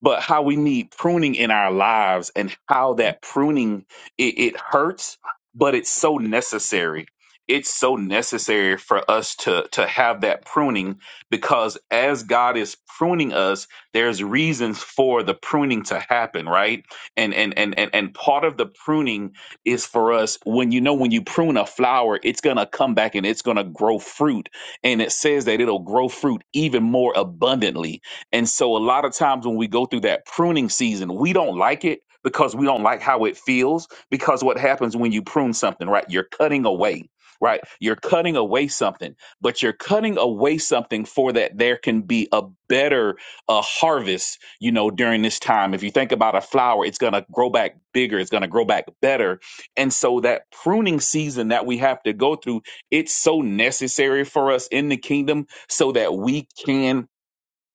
but how we need pruning in our lives and how that pruning it, it hurts but it's so necessary it's so necessary for us to to have that pruning because as God is pruning us there's reasons for the pruning to happen right and and and and, and part of the pruning is for us when you know when you prune a flower it's going to come back and it's going to grow fruit and it says that it'll grow fruit even more abundantly and so a lot of times when we go through that pruning season, we don't like it because we don't like how it feels. Because what happens when you prune something, right? You're cutting away, right? You're cutting away something, but you're cutting away something for that there can be a better uh, harvest, you know, during this time. If you think about a flower, it's going to grow back bigger, it's going to grow back better. And so that pruning season that we have to go through, it's so necessary for us in the kingdom so that we can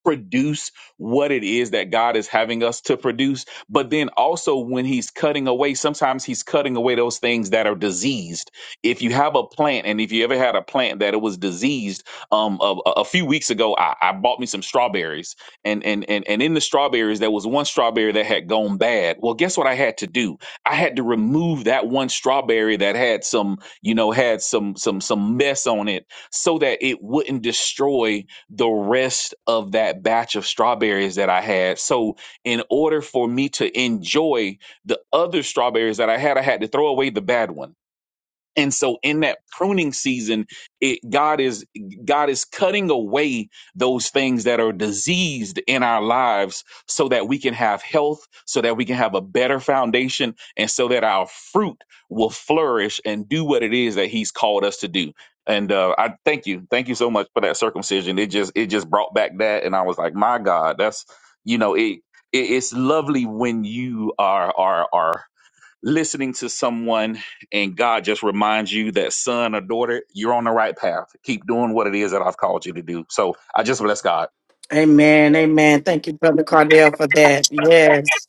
produce what it is that God is having us to produce. But then also, when He's cutting away, sometimes He's cutting away those things that are diseased. If you have a plant, and if you ever had a plant that it was diseased, um, a, a a few weeks ago, I, I bought me some strawberries, and and and and in the strawberries, there was one strawberry that had gone bad. Well, guess what I had to do? I had to remove that one strawberry that had some, you know, had some some some mess on it, so that it wouldn't destroy the rest of that batch of strawberries that I had. So, in order for me to enjoy the other strawberries that I had, I had to throw away the bad one and so in that pruning season, it, God is God is cutting away those things that are diseased in our lives so that we can have health, so that we can have a better foundation, and so that our fruit will flourish and do what it is that He's called us to do. And uh, I thank you, thank you so much for that circumcision. It just it just brought back that, and I was like, my God, that's you know it. it it's lovely when you are are are listening to someone and God just reminds you that son or daughter, you're on the right path. Keep doing what it is that I've called you to do. So I just bless God.
Amen. Amen. Thank you, Brother Cardell, for that. Yes.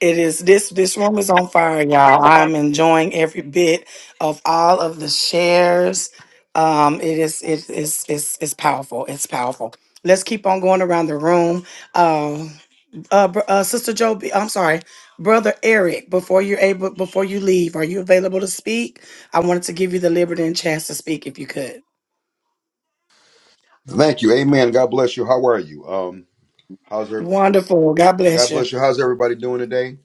It is this this room is on fire, y'all. I'm enjoying every bit of all of the shares. Um, it is it is it's it's powerful. It's powerful. Let's keep on going around the room. Um uh, br- uh Sister Joe B- I'm sorry, Brother Eric, before you're able before you leave, are you available to speak? I wanted to give you the liberty and chance to speak if you could.
Thank you. Amen. God bless you. How are you? Um, how's your
Wonderful. God bless
God
you.
bless you. How's everybody doing today?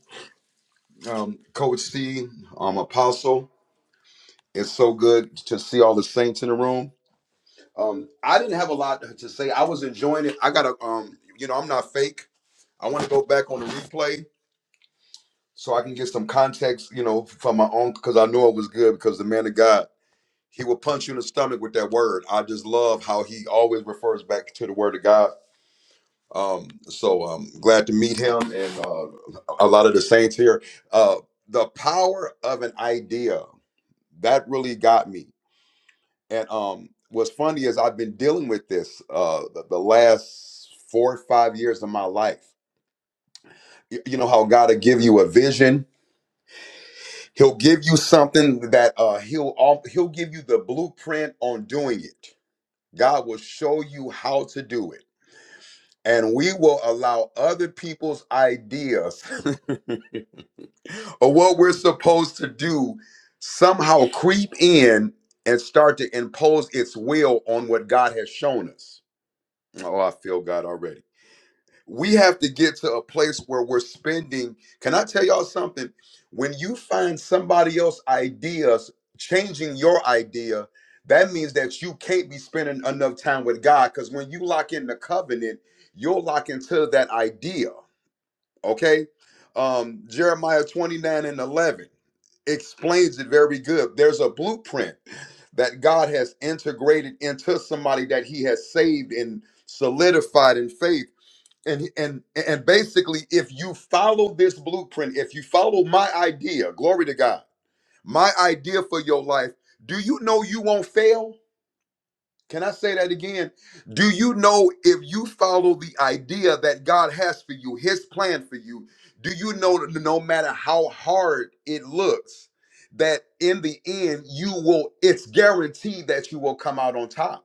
Um, Coach C, um, Apostle. It's so good to see all the saints in the room. Um, I didn't have a lot to say. I was enjoying it. I gotta um, you know, I'm not fake. I want to go back on the replay so I can get some context, you know, from my own because I know it was good because the man of God, he will punch you in the stomach with that word. I just love how he always refers back to the word of God Um, so um, glad to meet him and uh, a lot of the saints here. Uh, the power of an idea that really got me. And um, what's funny is I've been dealing with this uh, the, the last four or five years of my life. Y- You know how God will give you a vision. He'll give you something that uh, he'll al- he'll give you the blueprint on doing it. God will show you how to do it, and we will allow other people's ideas (laughs) or what we're supposed to do somehow creep in and start to impose its will on what God has shown us. Oh, I feel God already. We have to get to a place where we're spending. Can I tell y'all something? When you find somebody else's ideas changing your idea, that means that you can't be spending enough time with God because when you lock in the covenant, you'll lock into that idea okay um jeremiah 29 and 11 explains it very good there's a blueprint that god has integrated into somebody that he has saved and solidified in faith and and and basically if you follow this blueprint if you follow my idea glory to god my idea for your life do you know you won't fail can I say that again? Do you know if you follow the idea that God has for you, His plan for you, do you know that no matter how hard it looks, that in the end, you will, it's guaranteed that you will come out on top?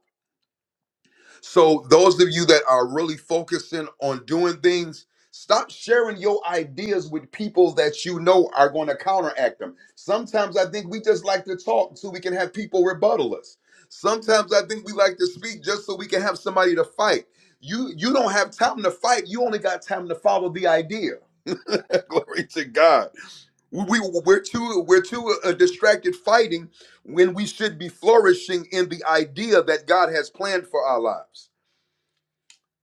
So those of you that are really focusing on doing things, stop sharing your ideas with people that you know are going to counteract them. Sometimes I think we just like to talk so we can have people rebuttal us. Sometimes I think we like to speak just so we can have somebody to fight. You you don't have time to fight. You only got time to follow the idea. (laughs) Glory to God. We, we are too we're too uh, uh, distracted fighting when we should be flourishing in the idea that God has planned for our lives.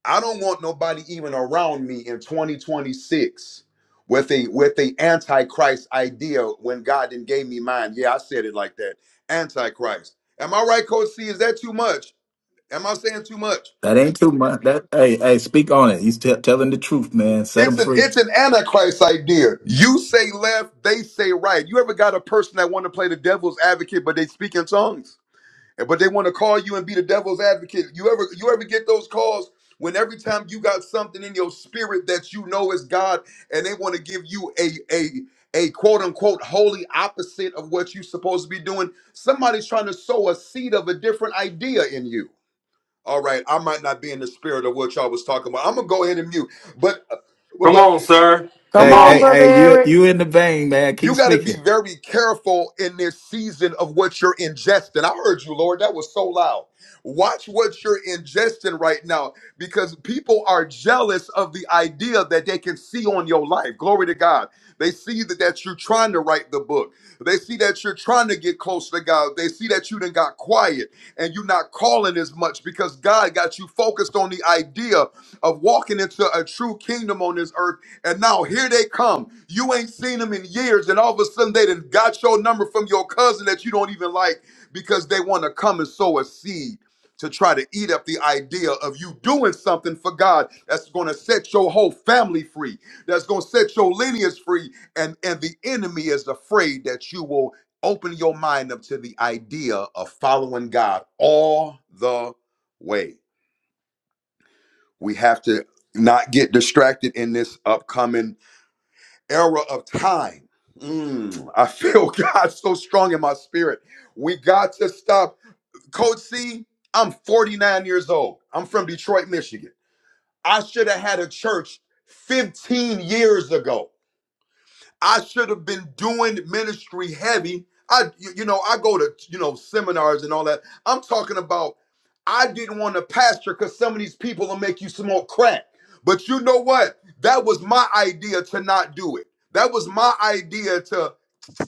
I don't want nobody even around me in 2026 with a with a antichrist idea when God didn't gave me mine. Yeah, I said it like that. Antichrist. Am I right, Coach C? Is that too much? Am I saying too much?
That ain't too much. That hey hey, speak on it. He's t- telling the truth, man. Set him
It's an
free.
it's an antichrist idea. You say left, they say right. You ever got a person that want to play the devil's advocate, but they speak in tongues? And- but they want to call you and be the devil's advocate. You ever you ever get those calls when every time you got something in your spirit that you know is God, and they want to give you a a a quote unquote holy opposite of what you're supposed to be doing. Somebody's trying to sow a seed of a different idea in you. All right, I might not be in the spirit of what y'all was talking about. I'm gonna go ahead and mute, but. but
Come
Hey
on,
hey
Brother
hey, you
Eric.
you in the vein, man. Keep
You got to be
speaking.
very careful in this season of what you're ingesting. I heard you, Lord. That was so loud. Watch what you're ingesting right now because people are jealous of the idea that they can see on your life. Glory to God. They see that, that you're trying to write the book. They see that you're trying to get close to God. They see that you done got quiet and you're not calling as much because God got you focused on the idea of walking into a true kingdom on this earth and now here they come. You ain't seen them in years, and all of a sudden they done got your number from your cousin that you don't even like because they want to come and sow a seed to try to eat up the idea of you doing something for God that's going to set your whole family free, that's going to set your lineage free, and and the enemy is afraid that you will open your mind up to the idea of following God all the way. We have to not get distracted in this upcoming era of time. Mm, I feel (laughs) God so strong in my spirit. We got to stop. Coach C, I'm 49 years old. I'm from Detroit, Michigan. I should have had a church 15 years ago. I should have been doing ministry heavy. I, you you know, I go to you know seminars and all that. I'm talking about. I didn't want to pastor because some of these people will make you smoke crack. But you know what? That was my idea to not do it. That was my idea to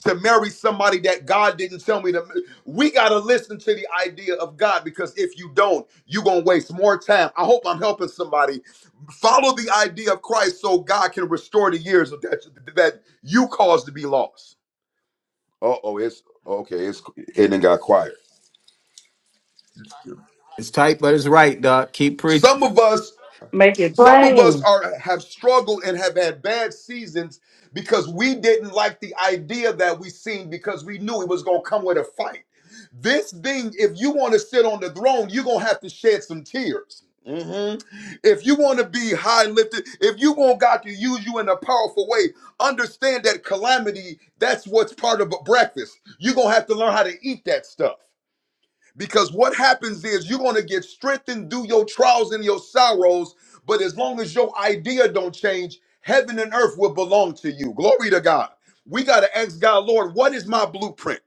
to marry somebody that God didn't tell me to. ma- We gotta listen to the idea of God because if you don't, you're gonna waste more time. I hope I'm helping somebody Follow the idea of Christ so God can restore the years of that that you caused to be lost. Uh oh, it's okay. It's it done got quiet.
It's tight, but it's right, doc. Keep preaching.
Some of us
Make it
Some of us
plain.
are have struggled and have had bad seasons because we didn't like the idea that we seen because we knew it was gonna come with a fight. This thing, if you want to sit on the throne, you're gonna have to shed some tears. Mhm. If you want to be high lifted, if you want God to use you in a powerful way, understand that calamity, that's what's part of a breakfast. You're gonna have to learn how to eat that stuff. Because what happens is you're going to get strengthened through your trials and your sorrows, but as long as your idea don't change, heaven and earth will belong to you. Glory to God. We got to ask God, Lord, what is my blueprint?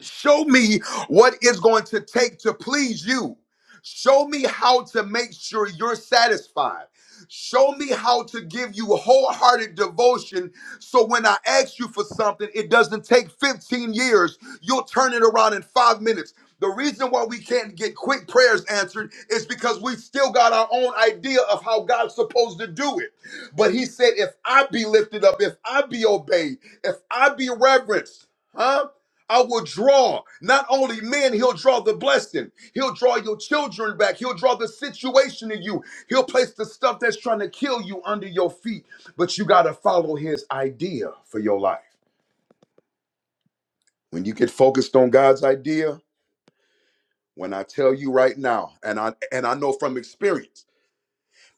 Show me what it's going to take to please you. Show me how to make sure you're satisfied. Show me how to give you wholehearted devotion so when I ask you for something, it doesn't take 15 years. You'll turn it around in five minutes. The reason why we can't get quick prayers answered is because we still got our own idea of how God's supposed to do it. But He said, if I be lifted up, if I be obeyed, if I be reverenced, huh? I will draw not only men, he'll draw the blessing. He'll draw your children back. He'll draw the situation in you. He'll place the stuff that's trying to kill you under your feet. But you got to follow his idea for your life. When you get focused on God's idea, when I tell you right now, and I and I know from experience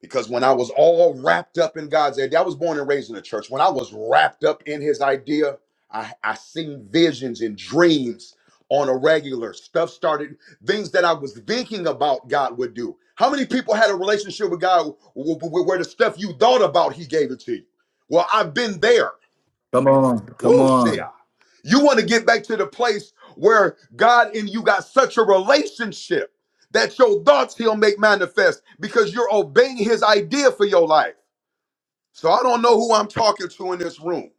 Because when I was all wrapped up in God's idea, I was born and raised in the church. When I was wrapped up in his idea, I, I seen visions and dreams on a regular. Stuff started, things that I was thinking about God would do. How many people had a relationship with God wh- wh- where the stuff you thought about, he gave it to you? Well, I've been there.
Come on, come
Woo,
on.
Shia. You want to get back to the place where God and you got such a relationship that your thoughts he'll make manifest because you're obeying his idea for your life. So I don't know who I'm talking to in this room,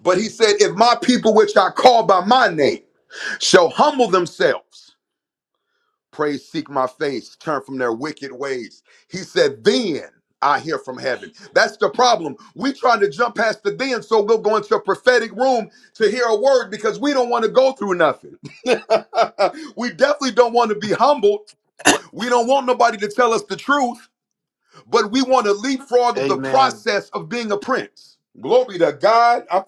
but he said, If my people, which I call by my name, shall humble themselves. Praise, seek my face, turn from their wicked ways. He said, Then I hear from heaven. That's the problem. We trying to jump past the then, so we'll go into a prophetic room to hear a word because we don't want to go through nothing. (laughs) we definitely don't want to be humbled. We don't want nobody to tell us the truth, but we want to leapfrog the
Amen.
process of being a prince. Glory to God. I'm-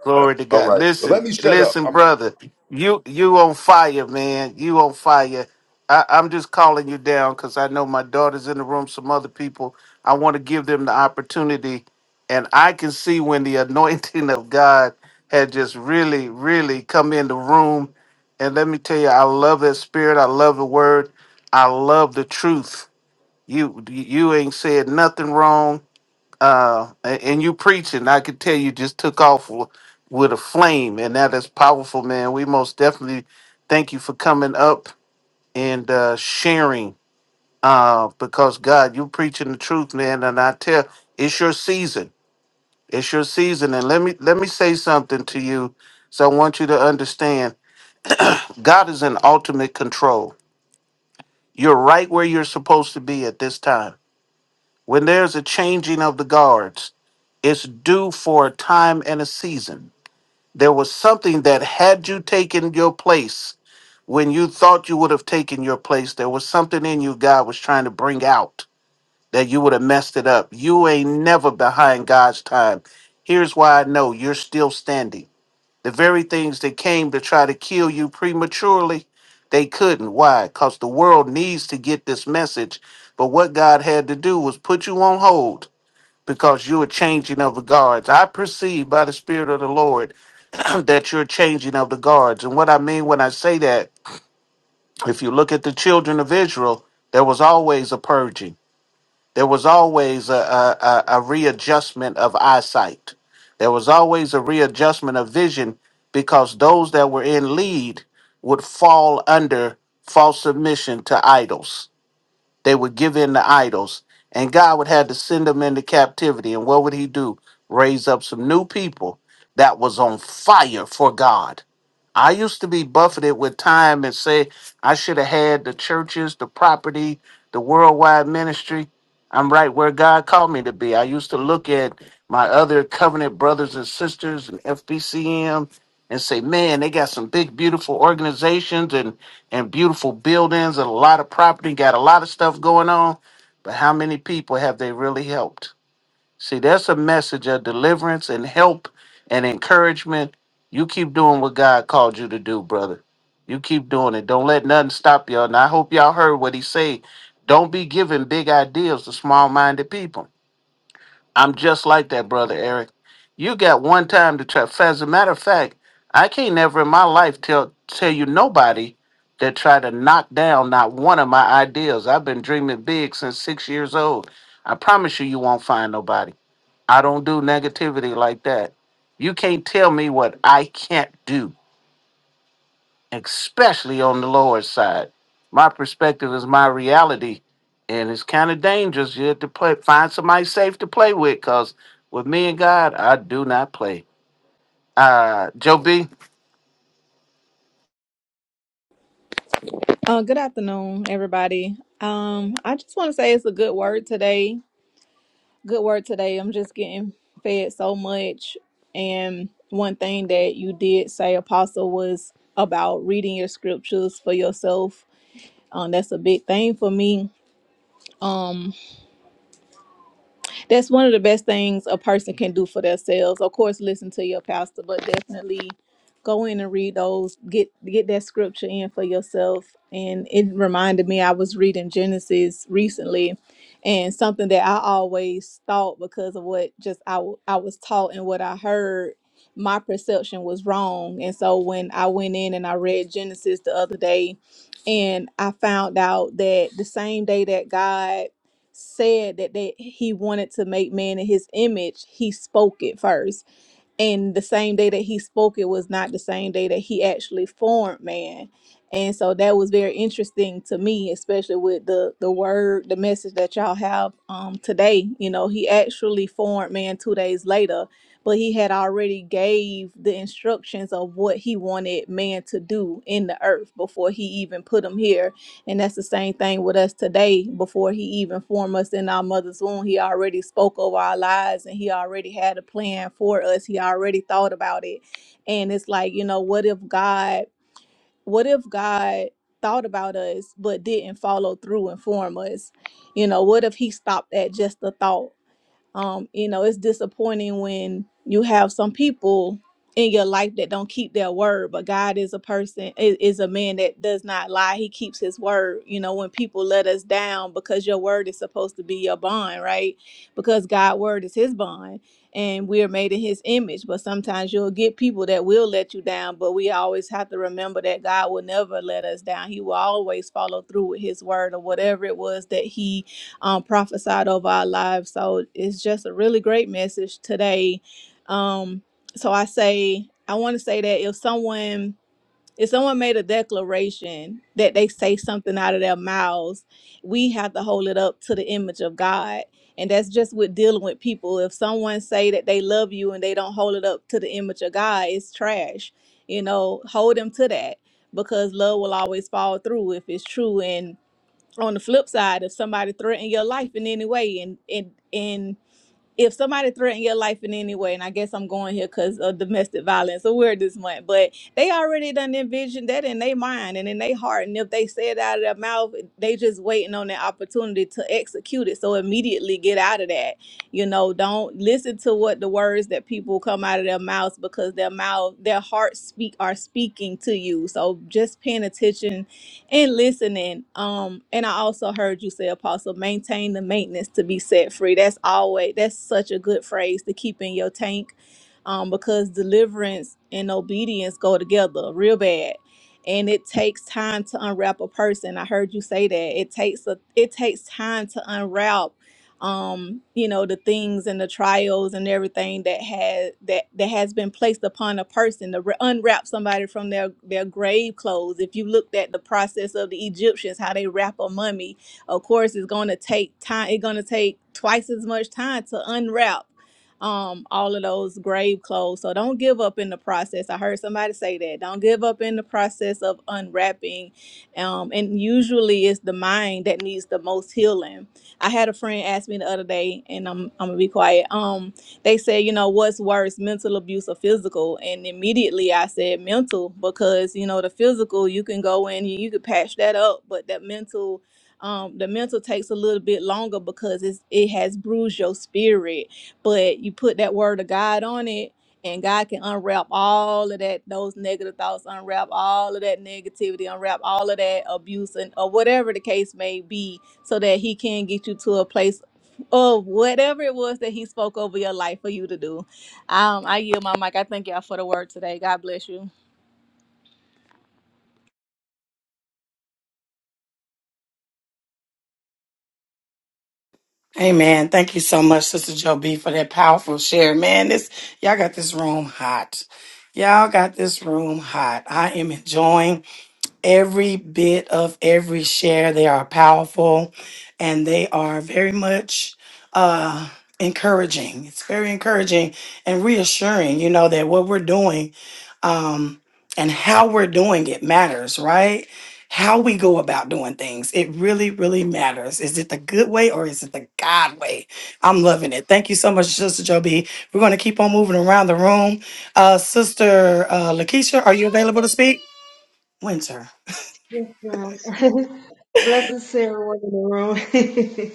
Glory to
all
God.
right, well, let
Listen,
me shut
listen,
up.
brother. You you on fire, man. You on fire. I, I'm just calling you down because I know my daughter's in the room, some other people. I want to give them the opportunity. And I can see when the (laughs) anointing of God had just really, really come in the room. And let me tell you, I love that spirit. I love the word. I love the truth. You you ain't said nothing wrong uh, a- and you preaching, I could tell you just took off w- with a flame, and that is powerful, man. We most definitely thank you for coming up and uh, sharing, uh, because God, you preaching the truth, man. And I tell, it's your season. It's your season, and let me let me say something to you. So I want you to understand, God is in ultimate control. You're right where you're supposed to be at this time. When there's a changing of the guards, it's due for a time and a season There was something that had you taken your place when you thought you would have taken your place, there was something in you God was trying to bring out that you would have messed it up. You ain't never behind God's time. Here's why I know you're still standing. The very things that came to try to kill you prematurely, they couldn't. Why? Because the world needs to get this message. But what God had to do was put you on hold because you were changing of the guards. I perceive by the Spirit of the Lord (coughs) that you're changing of the guards. And what I mean when I say that, if you look at the children of Israel, there was always a purging. There was always a, a, a, a readjustment of eyesight. There was always a readjustment of vision because those that were in lead would fall under false submission to idols. They would give in to idols. And God would have to send them into captivity. And what would he do? Raise up some new people that was on fire for God I used to be buffeted with time and say I should have had the churches, the property, the worldwide ministry. I'm right where God called me to be. I used to look at my other covenant brothers and sisters and FBCM and say, man, they got some big, beautiful organizations and, and beautiful buildings and a lot of property, got a lot of stuff going on. But how many people have they really helped? See, that's a message of deliverance and help and encouragement. You keep doing what God called you to do, brother. You keep doing it. Don't let nothing stop y'all. And I hope y'all heard what he said. Don't be giving big ideas to small-minded people. I'm just like that, brother Eric. You got one time to try. As a matter of fact, I can't never in my life tell tell you nobody that tried to knock down not one of my ideas. I've been dreaming big since six years old. I promise you, you won't find nobody. I don't do negativity like that. You can't tell me what I can't do, especially on the Lord's side. My perspective is my reality, and it's kind of dangerous. You have to play, find somebody safe to play with, because with me and God, I do not play. Uh, Joe B,
Uh, good afternoon, everybody. Um, I just want to say it's a good word today. Good word today. I'm just getting fed so much. And one thing that you did say, Apostle, was about reading your scriptures for yourself. Um, that's a big thing for me. Um. that's one of the best things a person can do for themselves. Of course, listen to your pastor, but definitely go in and read those. Get get that scripture in for yourself. And it reminded me I was reading Genesis recently, and something that I always thought because of what just I w- I was taught and what I heard. My perception was wrong. And so when I went in and I read Genesis the other day, and I found out that the same day that God said that, that he wanted to make man in his image, he spoke it first. And the same day that he spoke it was not the same day that he actually formed man. And so that was very interesting to me, especially with the the word, the message that y'all have um today. You know, he actually formed man two days later, but he had already gave the instructions of what he wanted man to do in the earth before he even put him here and that's the same thing with us today. Before he even formed us in our mother's womb, he already spoke over our lives and he already had a plan for us. He already thought about it. And it's like, you know, what if God, what if God thought about us but didn't follow through and form us? You know, what if he stopped at just the thought? um, you know it's disappointing when you have some people in your life that don't keep their word but god is a person is, is a man that does not lie he keeps his word you know when people let us down because your word is supposed to be your bond right because god's word is his bond and we're made in his image but sometimes you'll get people that will let you down but we always have to remember that god will never let us down he will always follow through with his word or whatever it was that he um, prophesied over our lives. So it's just a really great message today. Um, so I say, I want to say that if someone if someone made a declaration that they say something out of their mouths, we have to hold it up to the image of God. And that's just with dealing with people. If someone say that they love you and they don't hold it up to the image of God, it's trash. You know, hold them to that because love will always fall through if it's true. And on the flip side, if somebody threatened your life in any way, and and and if somebody threatened your life in any way, and I guess I'm going here because of domestic violence, so we're this month, but they already done envisioned that in their mind and in their heart, and if they say it out of their mouth, they just waiting on the opportunity to execute it. So immediately get out of that. You know, don't listen to what the words that people come out of their mouths because their mouth, their hearts speak are speaking to you. So just paying attention and listening. Um, and I also heard you say, Apostle, maintain the maintenance to be set free. That's always that's such a good phrase to keep in your tank, um, because deliverance and obedience go together real bad, and it takes time to unwrap a person. I heard you say that it takes a it takes time to unwrap um, you know, the things and the trials and everything that has that that has been placed upon a person to re- unwrap somebody from their their grave clothes. If you looked at the process of the Egyptians, how they wrap a mummy, of course, it's going to take time. It's going to take twice as much time to unwrap um all of those grave clothes so don't give up in the process i heard somebody say that don't give up in the process of unwrapping um and usually it's the mind that needs the most healing I had a friend ask me the other day, and I'm I'm gonna be quiet. Um, they said, you know, what's worse, mental abuse or physical? And immediately I said mental because you know the physical you can go in, you, you could patch that up, but that mental. Um, the mental takes a little bit longer because it's, it has bruised your spirit, but you put that word of God on it and God can unwrap all of that, those negative thoughts, unwrap all of that negativity, unwrap all of that abuse and or whatever the case may be, so that He can get you to a place of whatever it was that He spoke over your life for you to do. Um, I yield my mic. I thank y'all for the word today. God bless you.
Amen. Thank you so much, Sister Joe B, for that powerful share. Man, this y'all got this room hot. Y'all got this room hot. I am enjoying every bit of every share. They are powerful and they are very much uh, encouraging. It's very encouraging and reassuring, you know, that what we're doing um, and how we're doing it matters, right? How we go about doing things, it really, really matters. Is it the good way or is it the God way? I'm loving it. Thank you so much, Sister Joby. We're going to keep on moving around the room. Uh, Sister uh, Lakeisha, are you available to speak? Winter.
Yes, ma'am. (laughs) blessings to everyone in the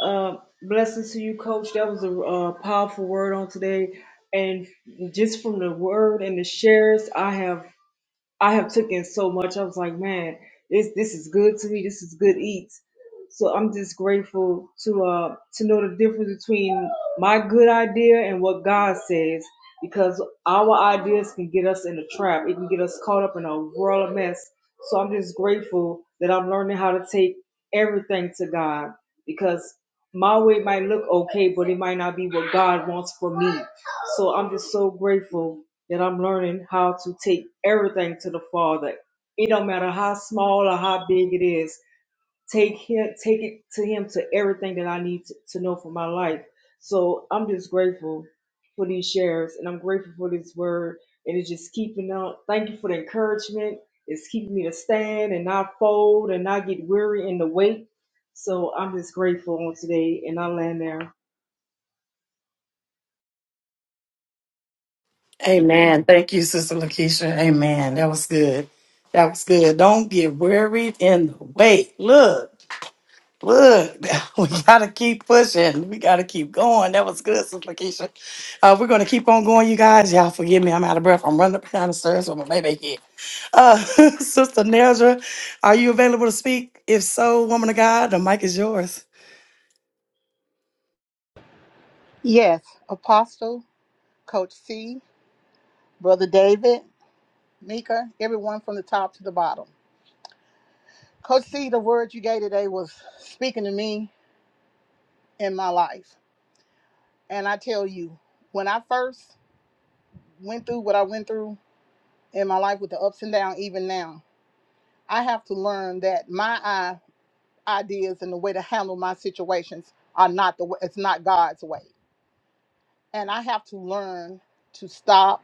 room. (laughs) uh, blessings to you, Coach. That was a uh, powerful word on today, and just from the word and the shares, I have. I have taken so much. I was like, man, this this is good to me. This is good eats. So I'm just grateful to uh to know the difference between my good idea and what God says because our ideas can get us in a trap. It can get us caught up in a world of mess. So I'm just grateful that I'm learning how to take everything to God because my way might look okay, but it might not be what God wants for me. So I'm just so grateful that I'm learning how to take everything to the Father. It don't matter how small or how big it is. Take him, take it to Him to everything that I need to, to know for my life. So I'm just grateful for these shares, and I'm grateful for this word, and it's just keeping up. Thank you for the encouragement. It's keeping me to stand and not fold and not get weary in the weight. So I'm just grateful on today, and I land there.
Amen. Thank you, Sister Lakeisha. Amen. That was good. That was good. Don't get worried in the way. Look, look, (laughs) we got to keep pushing. We got to keep going. That was good, Sister Lakeisha. Uh, we're going to keep on going, you guys. Y'all forgive me. I'm out of breath. I'm running up and down the stairs with my baby here. Uh, (laughs) Sister Nedra, are you available to speak? If so, woman of God, the mic is yours.
Yes, Apostle, Coach C, Brother David, Mika, everyone from the top to the bottom. Coach C, the word you gave today was speaking to me in my life. And I tell you, when I first went through what I went through in my life with the ups and downs, even now, I have to learn that my i- ideas and the way to handle my situations are not the way, it's not God's way. And I have to learn to stop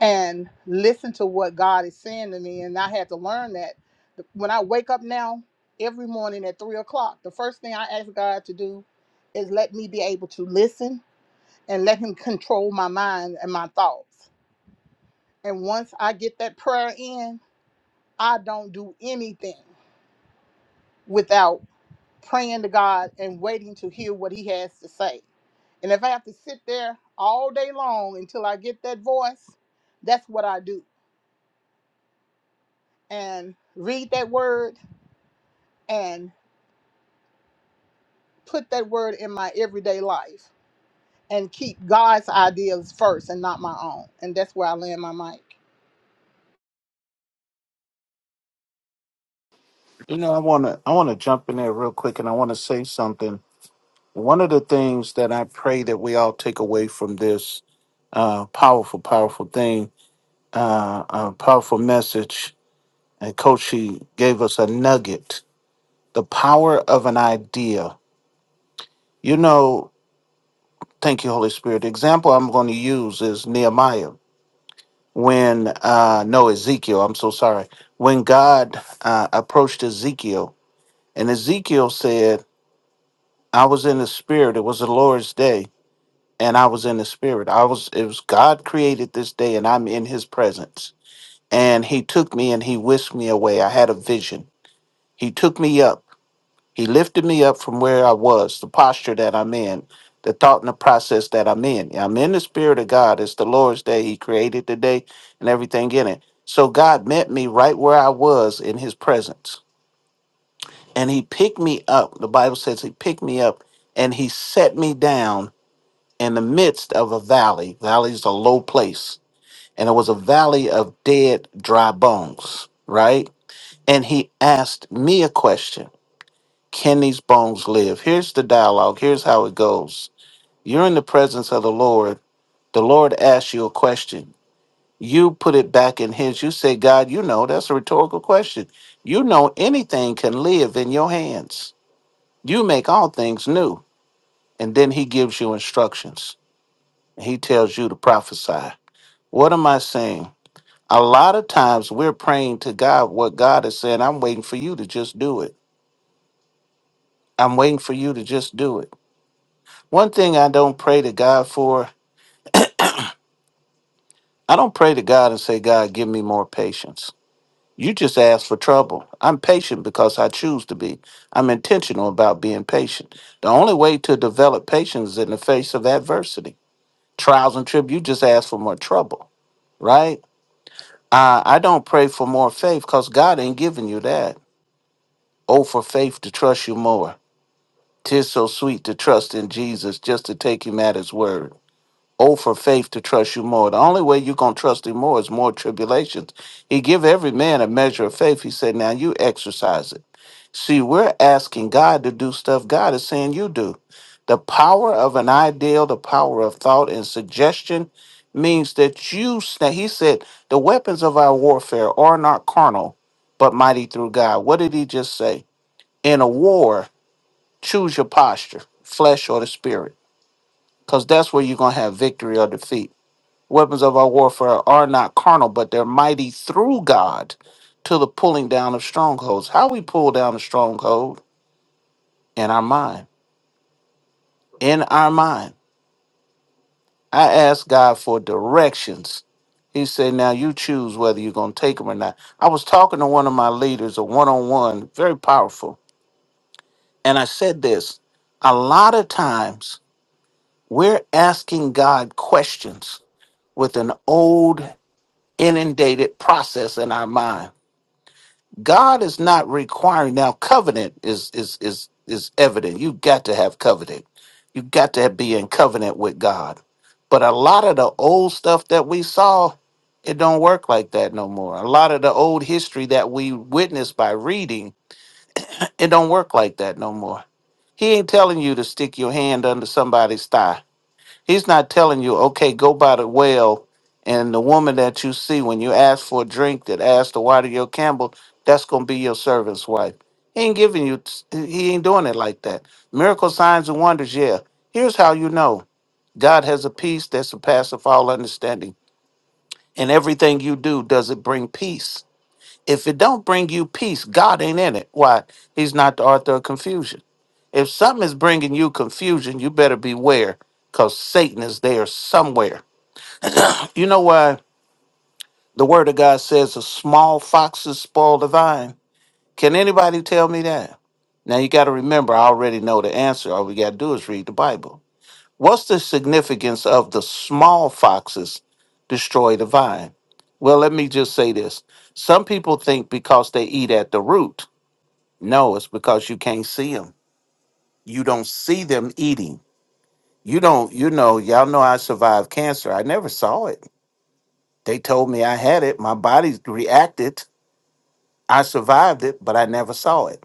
and listen to what God is saying to me. And I had to learn that when I wake up now, every morning at three o'clock, the first thing I ask God to do is let me be able to listen and let Him control my mind and my thoughts. And once I get that prayer in, I don't do anything without praying to God and waiting to hear what He has to say. And if I have to sit there all day long until I get that voice, that's what I do. And read that word and put that word in my everyday life and keep God's ideas first and not my own. And that's where I land my mic.
you know, I wanna, I wanna jump in there real quick, and I wanna say something. One of the things that I pray that we all take away from this uh, powerful, powerful thing, uh, a powerful message And Coach, he gave us a nugget the power of an idea. You know, thank you, Holy Spirit. The example I'm going to use is Nehemiah. When, uh, no, Ezekiel, I'm so sorry. When God uh, approached Ezekiel, and Ezekiel said, I was in the spirit. It was the Lord's day, and I was in the spirit. I was, it was God created this day, and I'm in his presence. And he took me and he whisked me away. I had a vision. He took me up He lifted me up from where I was, the posture that I'm in, the thought and the process that I'm in. I'm in the spirit of God. It's the Lord's day. He created the day and everything in it. So God met me right where I was in his presence. And he picked me up. The Bible says he picked me up and he set me down in the midst of a valley. Valley is a low place. And it was a valley of dead, dry bones, right? And he asked me a question. Can these bones live? Here's the dialogue. Here's how it goes. You're in the presence of the Lord. The Lord asks you a question. You put it back in His. You say, God, you know, that's a rhetorical question. You know, anything can live in your hands. You make all things new. And then He gives you instructions. And he tells you to prophesy. What am I saying? A lot of times we're praying to God what God is saying. I'm waiting for you to just do it. I'm waiting for you to just do it. One thing I don't pray to God for I don't pray to God and say, God, give me more patience. You just ask for trouble. I'm patient because I choose to be. I'm intentional about being patient. The only way to develop patience is in the face of adversity. Trials and trib, you just ask for more trouble, right? Uh, I don't pray for more faith because God ain't giving you that. Oh, for faith to trust you more. Tis so sweet to trust in Jesus just to take him at his word. Oh, for faith to trust you more. The only way you're going to trust him more is more tribulations. He give every man a measure of faith. He said, now you exercise it. See, we're asking God to do stuff God is saying you do. The power of an ideal, the power of thought and suggestion means that you, sna- he said, the weapons of our warfare are not carnal, but mighty through God. What did he just say? In a war, choose your posture, flesh or the spirit, because that's where you're going to have victory or defeat. Weapons of our warfare are not carnal, but they're mighty through God to the pulling down of strongholds. How we pull down a stronghold? In our mind. In our mind. I asked God for directions. He said, Now you choose whether you're going to take them or not. I was talking to one of my leaders, a one on one, very powerful. And I said this a lot of times we're asking God questions with an old, inundated process in our mind God is not requiring now covenant is is is is evident. You got to have covenant. You got to be in covenant with God. But a lot of the old stuff that we saw, it don't work like that no more. A lot of the old history that we witnessed by reading, it don't work like that no more. He ain't telling you to stick your hand under somebody's thigh. He's not telling you, okay, go by the well, and the woman that you see when you ask for a drink that asked to water your Campbell, that's gonna be your servant's wife. He ain't giving you. He ain't doing it like that. Miracle signs and wonders, yeah. Here's how you know God has a peace that surpasses all understanding, and everything you do does it bring peace. If it don't bring you peace, God ain't in it. Why? He's not the author of confusion. If something is bringing you confusion, you better beware, cause Satan is there somewhere you know why the word of God says a small foxes spoil the vine? Can anybody tell me that? Now you got to remember, I already know the answer. All we got to do is read the Bible. What's the significance of the small foxes destroy the vine? Well, let me just say this. Some people think because they eat at the root. No, it's because you can't see them. You don't see them eating. You don't, you know, y'all know I survived cancer. I never saw it. They told me I had it. My body reacted I survived it, but I never saw it.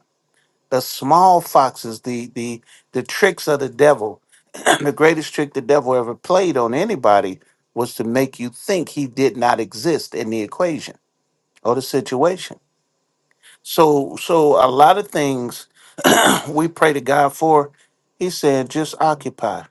The small foxes, the the the tricks of the devil, (clears throat) the greatest trick the devil ever played on anybody was to make you think he did not exist in the equation or the situation. So so a lot of things (clears throat) we pray to God for, he said, just occupy.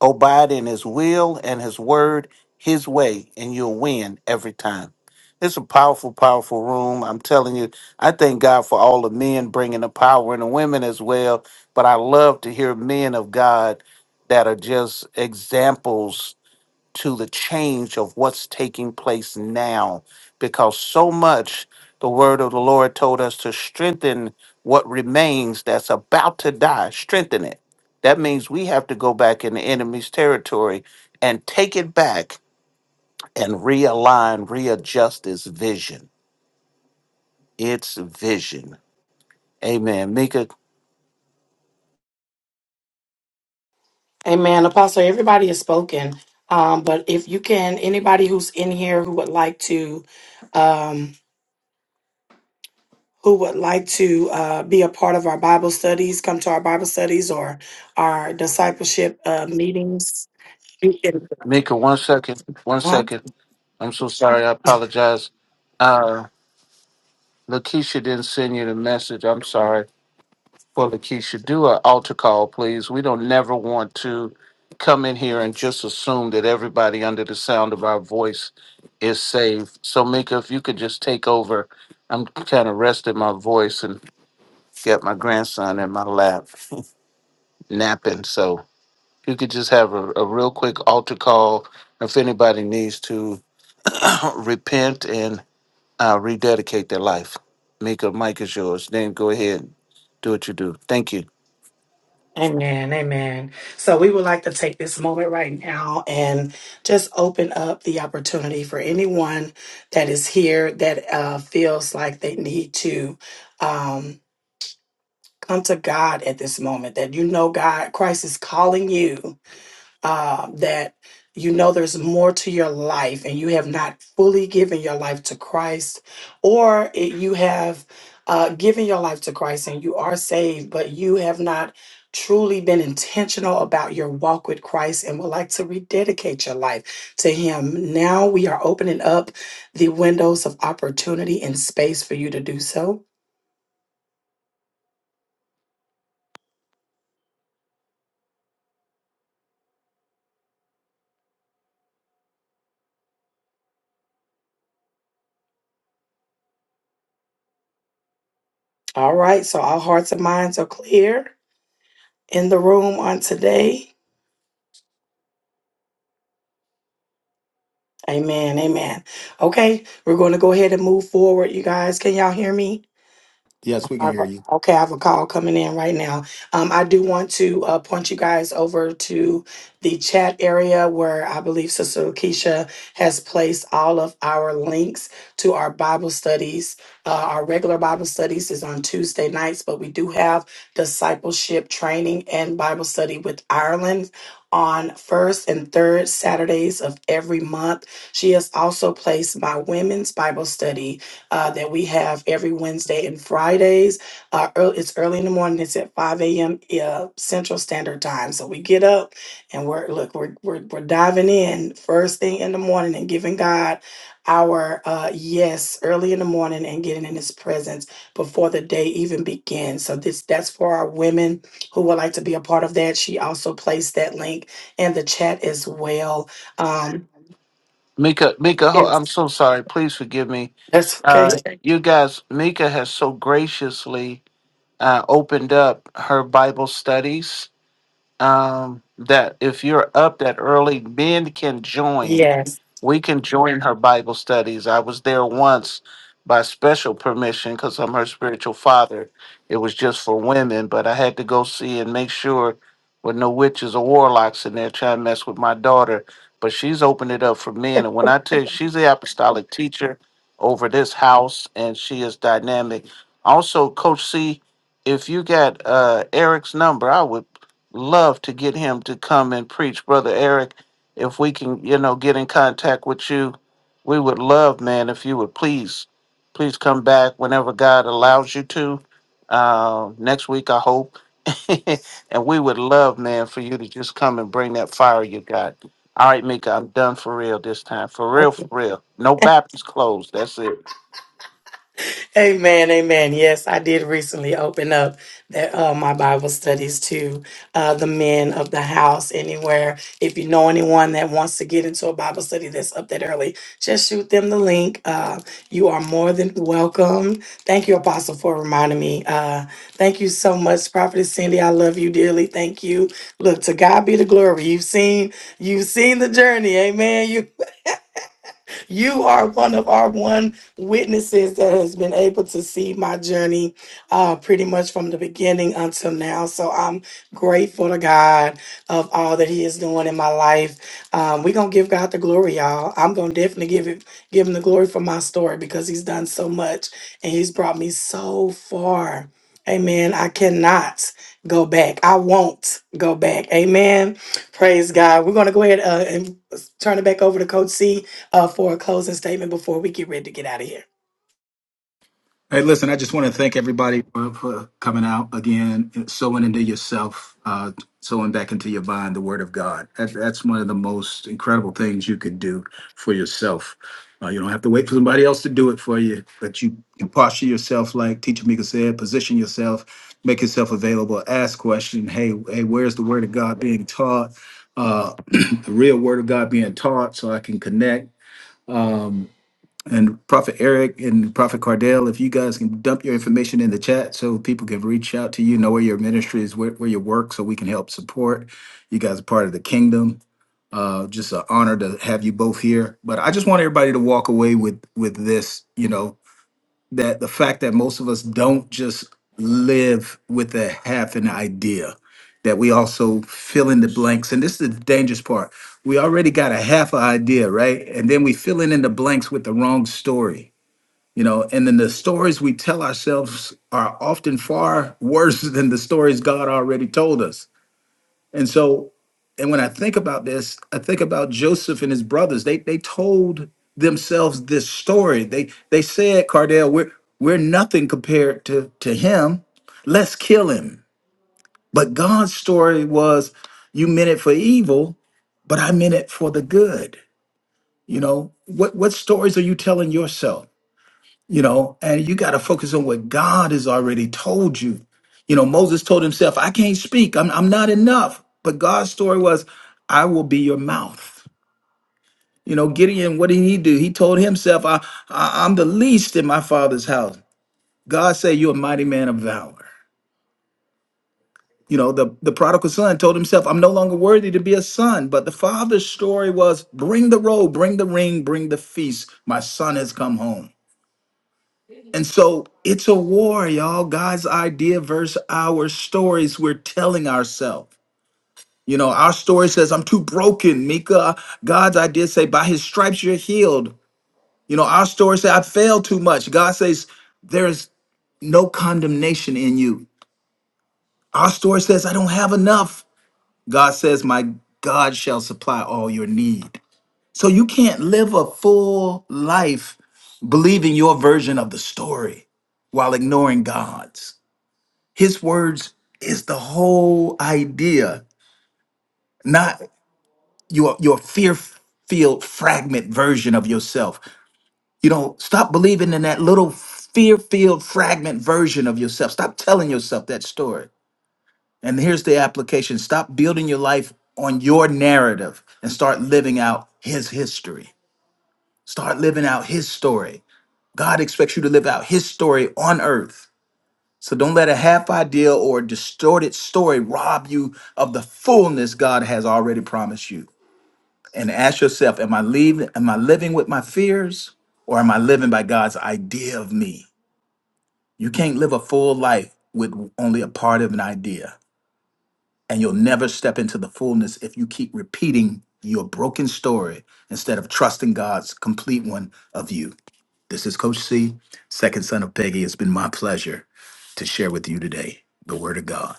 Abide in his will and his word, his way, and you'll win every time. It's a powerful, powerful room. I'm telling you, I thank God for all the men bringing the power and the women as well. But I love to hear men of God that are just examples to the change of what's taking place now because so much the word of the Lord told us to strengthen what remains that's about to die, strengthen it. That means we have to go back in the enemy's territory and take it back and realign, readjust its vision. Its vision. Amen. Mika,
Amen. Apostle, everybody has spoken. Um, but if you can, anybody who's in here who would like to who would like to uh, be a part of our Bible studies, come to our Bible studies or our discipleship uh, meetings. You can,
Mika, one second. One
uh,
second. I'm so sorry. I apologize. Uh Lakeisha didn't send you the message. I'm sorry. for Lakeisha. Do an altar call, please. We don't never want to come in here and just assume that everybody under the sound of our voice is saved. So, Mika, if you could just take over. I'm kind of resting my voice and got my grandson in my lap (laughs) napping. So, you could just have a, a real quick altar call if anybody needs to (clears throat) repent and uh, rededicate their life. Mika, mic is yours. Then go ahead and do what you do. Thank you.
amen, amen. So we would like to take this moment right now and just open up the opportunity for anyone that is here that uh, feels like they need to um, come to God at this moment. That you know, God, Christ is calling you uh, that you know there's more to your life and you have not fully given your life to Christ, or it, you have uh, given your life to Christ and you are saved, but you have not truly been intentional about your walk with Christ and would like to rededicate your life to Him. Now we are opening up the windows of opportunity and space for you to do so. All right, so our hearts and minds are clear in the room on today. Amen. Amen. Okay, we're going to go ahead and move forward, you guys. Can y'all hear me?
Yes, we can
I've-
hear you.
Okay, I have a call coming in right now. Um, I do want to uh, point you guys over to the chat area where I believe Sister Lakeisha has placed all of our links to our Bible studies. Uh, our regular Bible studies is on Tuesday nights, but we do have discipleship training and Bible study with Ireland on first and third Saturdays of every month. She has also placed my women's Bible study uh, that we have every Wednesday and Fridays. Uh, early, it's early in the morning. It's at 5 a.m. Uh, Central Standard Time. So we get up and we're look we're, we're we're diving in first thing in the morning and giving God our uh, yes early in the morning and getting in His presence before the day even begins. So this that's for our women who would like to be a part of that. She also placed that link in the chat as well. Um,
Mika, Mika, ho- I'm so sorry. Please forgive me.
that's okay.
Uh, you guys, Mika has so graciously uh, opened up her Bible studies um, that if you're up that early, men can join.
Yes.
We can join her Bible studies. I was there once by special permission because I'm her spiritual father. It was just for women, but I had to go see and make sure with no witches or warlocks in there trying to mess with my daughter. But she's opened it up for men. And when I tell you, she's the apostolic teacher over this house, and she is dynamic. Also, Coach C, if you got uh, Eric's number, I would love to get him to come and preach, Brother Eric if we can, you know, get in contact with you, we would love, man, if you would please, please come back whenever God allows you to. Uh, next week, I hope. (laughs) and we would love, man, for you to just come and bring that fire you got. All right, Mika, I'm done for real this time. For real, for real. No Baptist clothes. That's it.
Amen, amen. Yes, I did recently open up that uh, my Bible studies to uh, the men of the house. Anywhere, if you know anyone that wants to get into a Bible study that's up that early, just shoot them the link. Uh, you are more than welcome. Thank you, Apostle, for reminding me. Uh, thank you so much, Prophetess Cindy. I love you dearly. Thank you. Look, to God be the glory. You've seen, you've seen the journey. Amen. You are one of our one witnesses that has been able to see my journey uh, pretty much from the beginning until now. So I'm grateful to God of all that He is doing in my life. Um, we're gonna give God the glory, y'all. I'm gonna definitely give it give him the glory for my story because he's done so much and he's brought me so far. Amen. I cannot go back. I won't go back. Amen. Praise God. We're going to go ahead uh, and turn it back over to Coach C uh, for a closing statement before we get ready to get out of here.
Hey, listen, I just want to thank everybody for, for coming out again, sowing into yourself, uh, sowing back into your mind the word of God. That, that's one of the most incredible things you could do for yourself. Uh, you don't have to wait for somebody else to do it for you, but you can posture yourself, like Teacher Mika said, position yourself, make yourself available, ask question. Hey, hey, where's the word of God being taught? Uh, (clears throat) the real word of God being taught, so I can connect. Um, and Prophet Eric and Prophet Cardell, if you guys can dump your information in the chat so people can reach out to you, know where your ministry is, where, where you work, so we can help support. You guys are part of the kingdom. Uh, just an honor to have you both here. But I just want everybody to walk away with with this, you know, that the fact that most of us don't just live with a half an idea, that we also fill in the blanks. And this is the dangerous part we already got a half an idea, right? And then we filling in the blanks with the wrong story you know and then the stories we tell ourselves are often far (laughs) worse than the stories god already told us and so and when i think about this i think about joseph and his brothers they they told themselves this story they they said cardell we're we're nothing compared to to him let's kill him but god's story was you meant it for evil but i meant it for the good you know what what stories are you telling yourself you know, and you got to focus on what God has already told you. You know, Moses told himself, I can't speak, I'm, I'm not enough. But God's story was, I will be your mouth. You know, Gideon, what did he do? He told himself, I, I, I'm the least in my father's house. God said, You're a mighty man of valor. You know, the, the prodigal son told himself, I'm no longer worthy to be a son. But the father's story was, Bring the robe, bring the ring, bring the feast. My son has come home. And so it's a war, y'all. God's idea versus our stories we're telling ourselves. You know, our story says, I'm too broken, Mika. God's idea say, by his stripes you're healed. You know, our story say, I failed too much. God says, there is no condemnation in you. Our story says, I don't have enough. God says, my God shall supply all your need. So you can't live a full life believing your version of the story while ignoring God's. His words is the whole idea, not your your fear filled fragment version of yourself. You know, stop believing in that little fear filled fragment version of yourself. Stop telling yourself that story. And here's the application: stop building your life on your narrative and start living out His history. Start living out His story. God expects you to live out His story on earth. So don't let a half idea or distorted story rob you of the fullness God has already promised you. And ask yourself, am I leaving, am I living with my fears or am I living by God's idea of me? You can't live a full life with only a part of an idea. And you'll never step into the fullness if you keep repeating your broken story instead of trusting God's complete one of you. This is Coach C, second son of Peggy. It's been my pleasure to share with you today the word of God.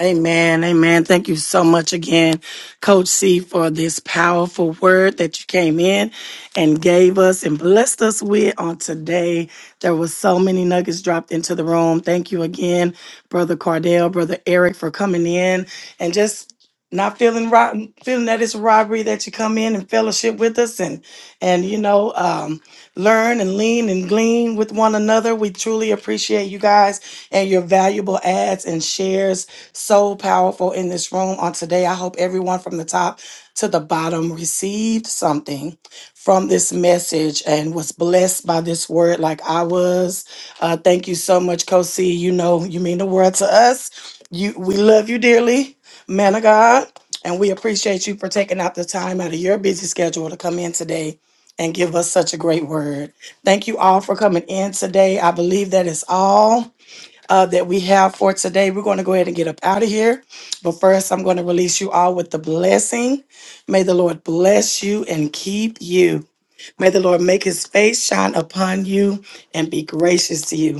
Amen. Amen. Thank you so much again, Coach C, for this powerful word that you came in and gave us and blessed us with on today. There was so many nuggets dropped into the room. Thank you again, Brother Cardell, Brother Eric, for coming in and just not feeling rotten, feeling that it's robbery that you come in and fellowship with us and and you know, um learn and lean and glean with one another. We truly appreciate you guys and your valuable ads and shares. So powerful in this room on today. I hope everyone from the top to the bottom received something from this message and was blessed by this word like I was. Uh, thank you so much, Kosi. You know, you mean the world to us. You, we love you dearly, man of God. And we appreciate you for taking out the time out of your busy schedule to come in today and give us such a great word. Thank you all for coming in today. I believe that is all uh, that we have for today. We're going to go ahead and get up out of here. But first, I'm going to release you all with the blessing. May the Lord bless you and keep you. May the Lord make his face shine upon you and be gracious to you.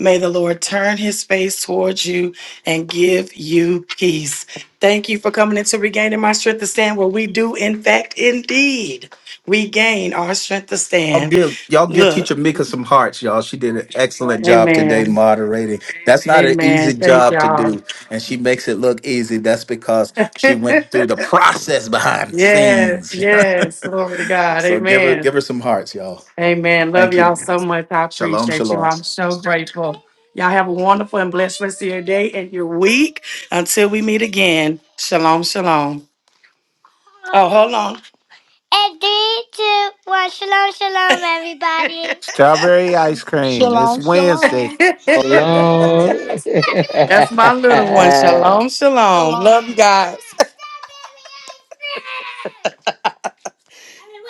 May the Lord turn his face towards you and give you peace. Thank you for coming into regaining my strength to stand where we do, in fact, indeed regain our strength to
Y'all
stand.
give y'all give
Look.
Teacher Mika some hearts, y'all. She did an excellent job today
Amen.
moderating. That's not an easy
Amen. Thank
job to
y'all.
do, and she makes it look easy. That's because she went through the process behind the
Yes,
scenes.
yes. Glory to
(laughs)
God.
so give her give
Amen.
her some hearts, y'all.
Amen. Love
Thank you.
y'all so much. I
Shalom,
appreciate you.
shalom.
I'm so grateful. Y'all have a wonderful and blessed rest of your day and your week. Until we meet again. Shalom, shalom. Oh, hold on. And three, two, one. Shalom, shalom, everybody.
Strawberry ice cream. It's
Shalom,
Wednesday.
shalom,
(laughs)
Hello.
That's my little one.
(laughs)
Shalom, shalom.
shalom.
Love you guys. (laughs)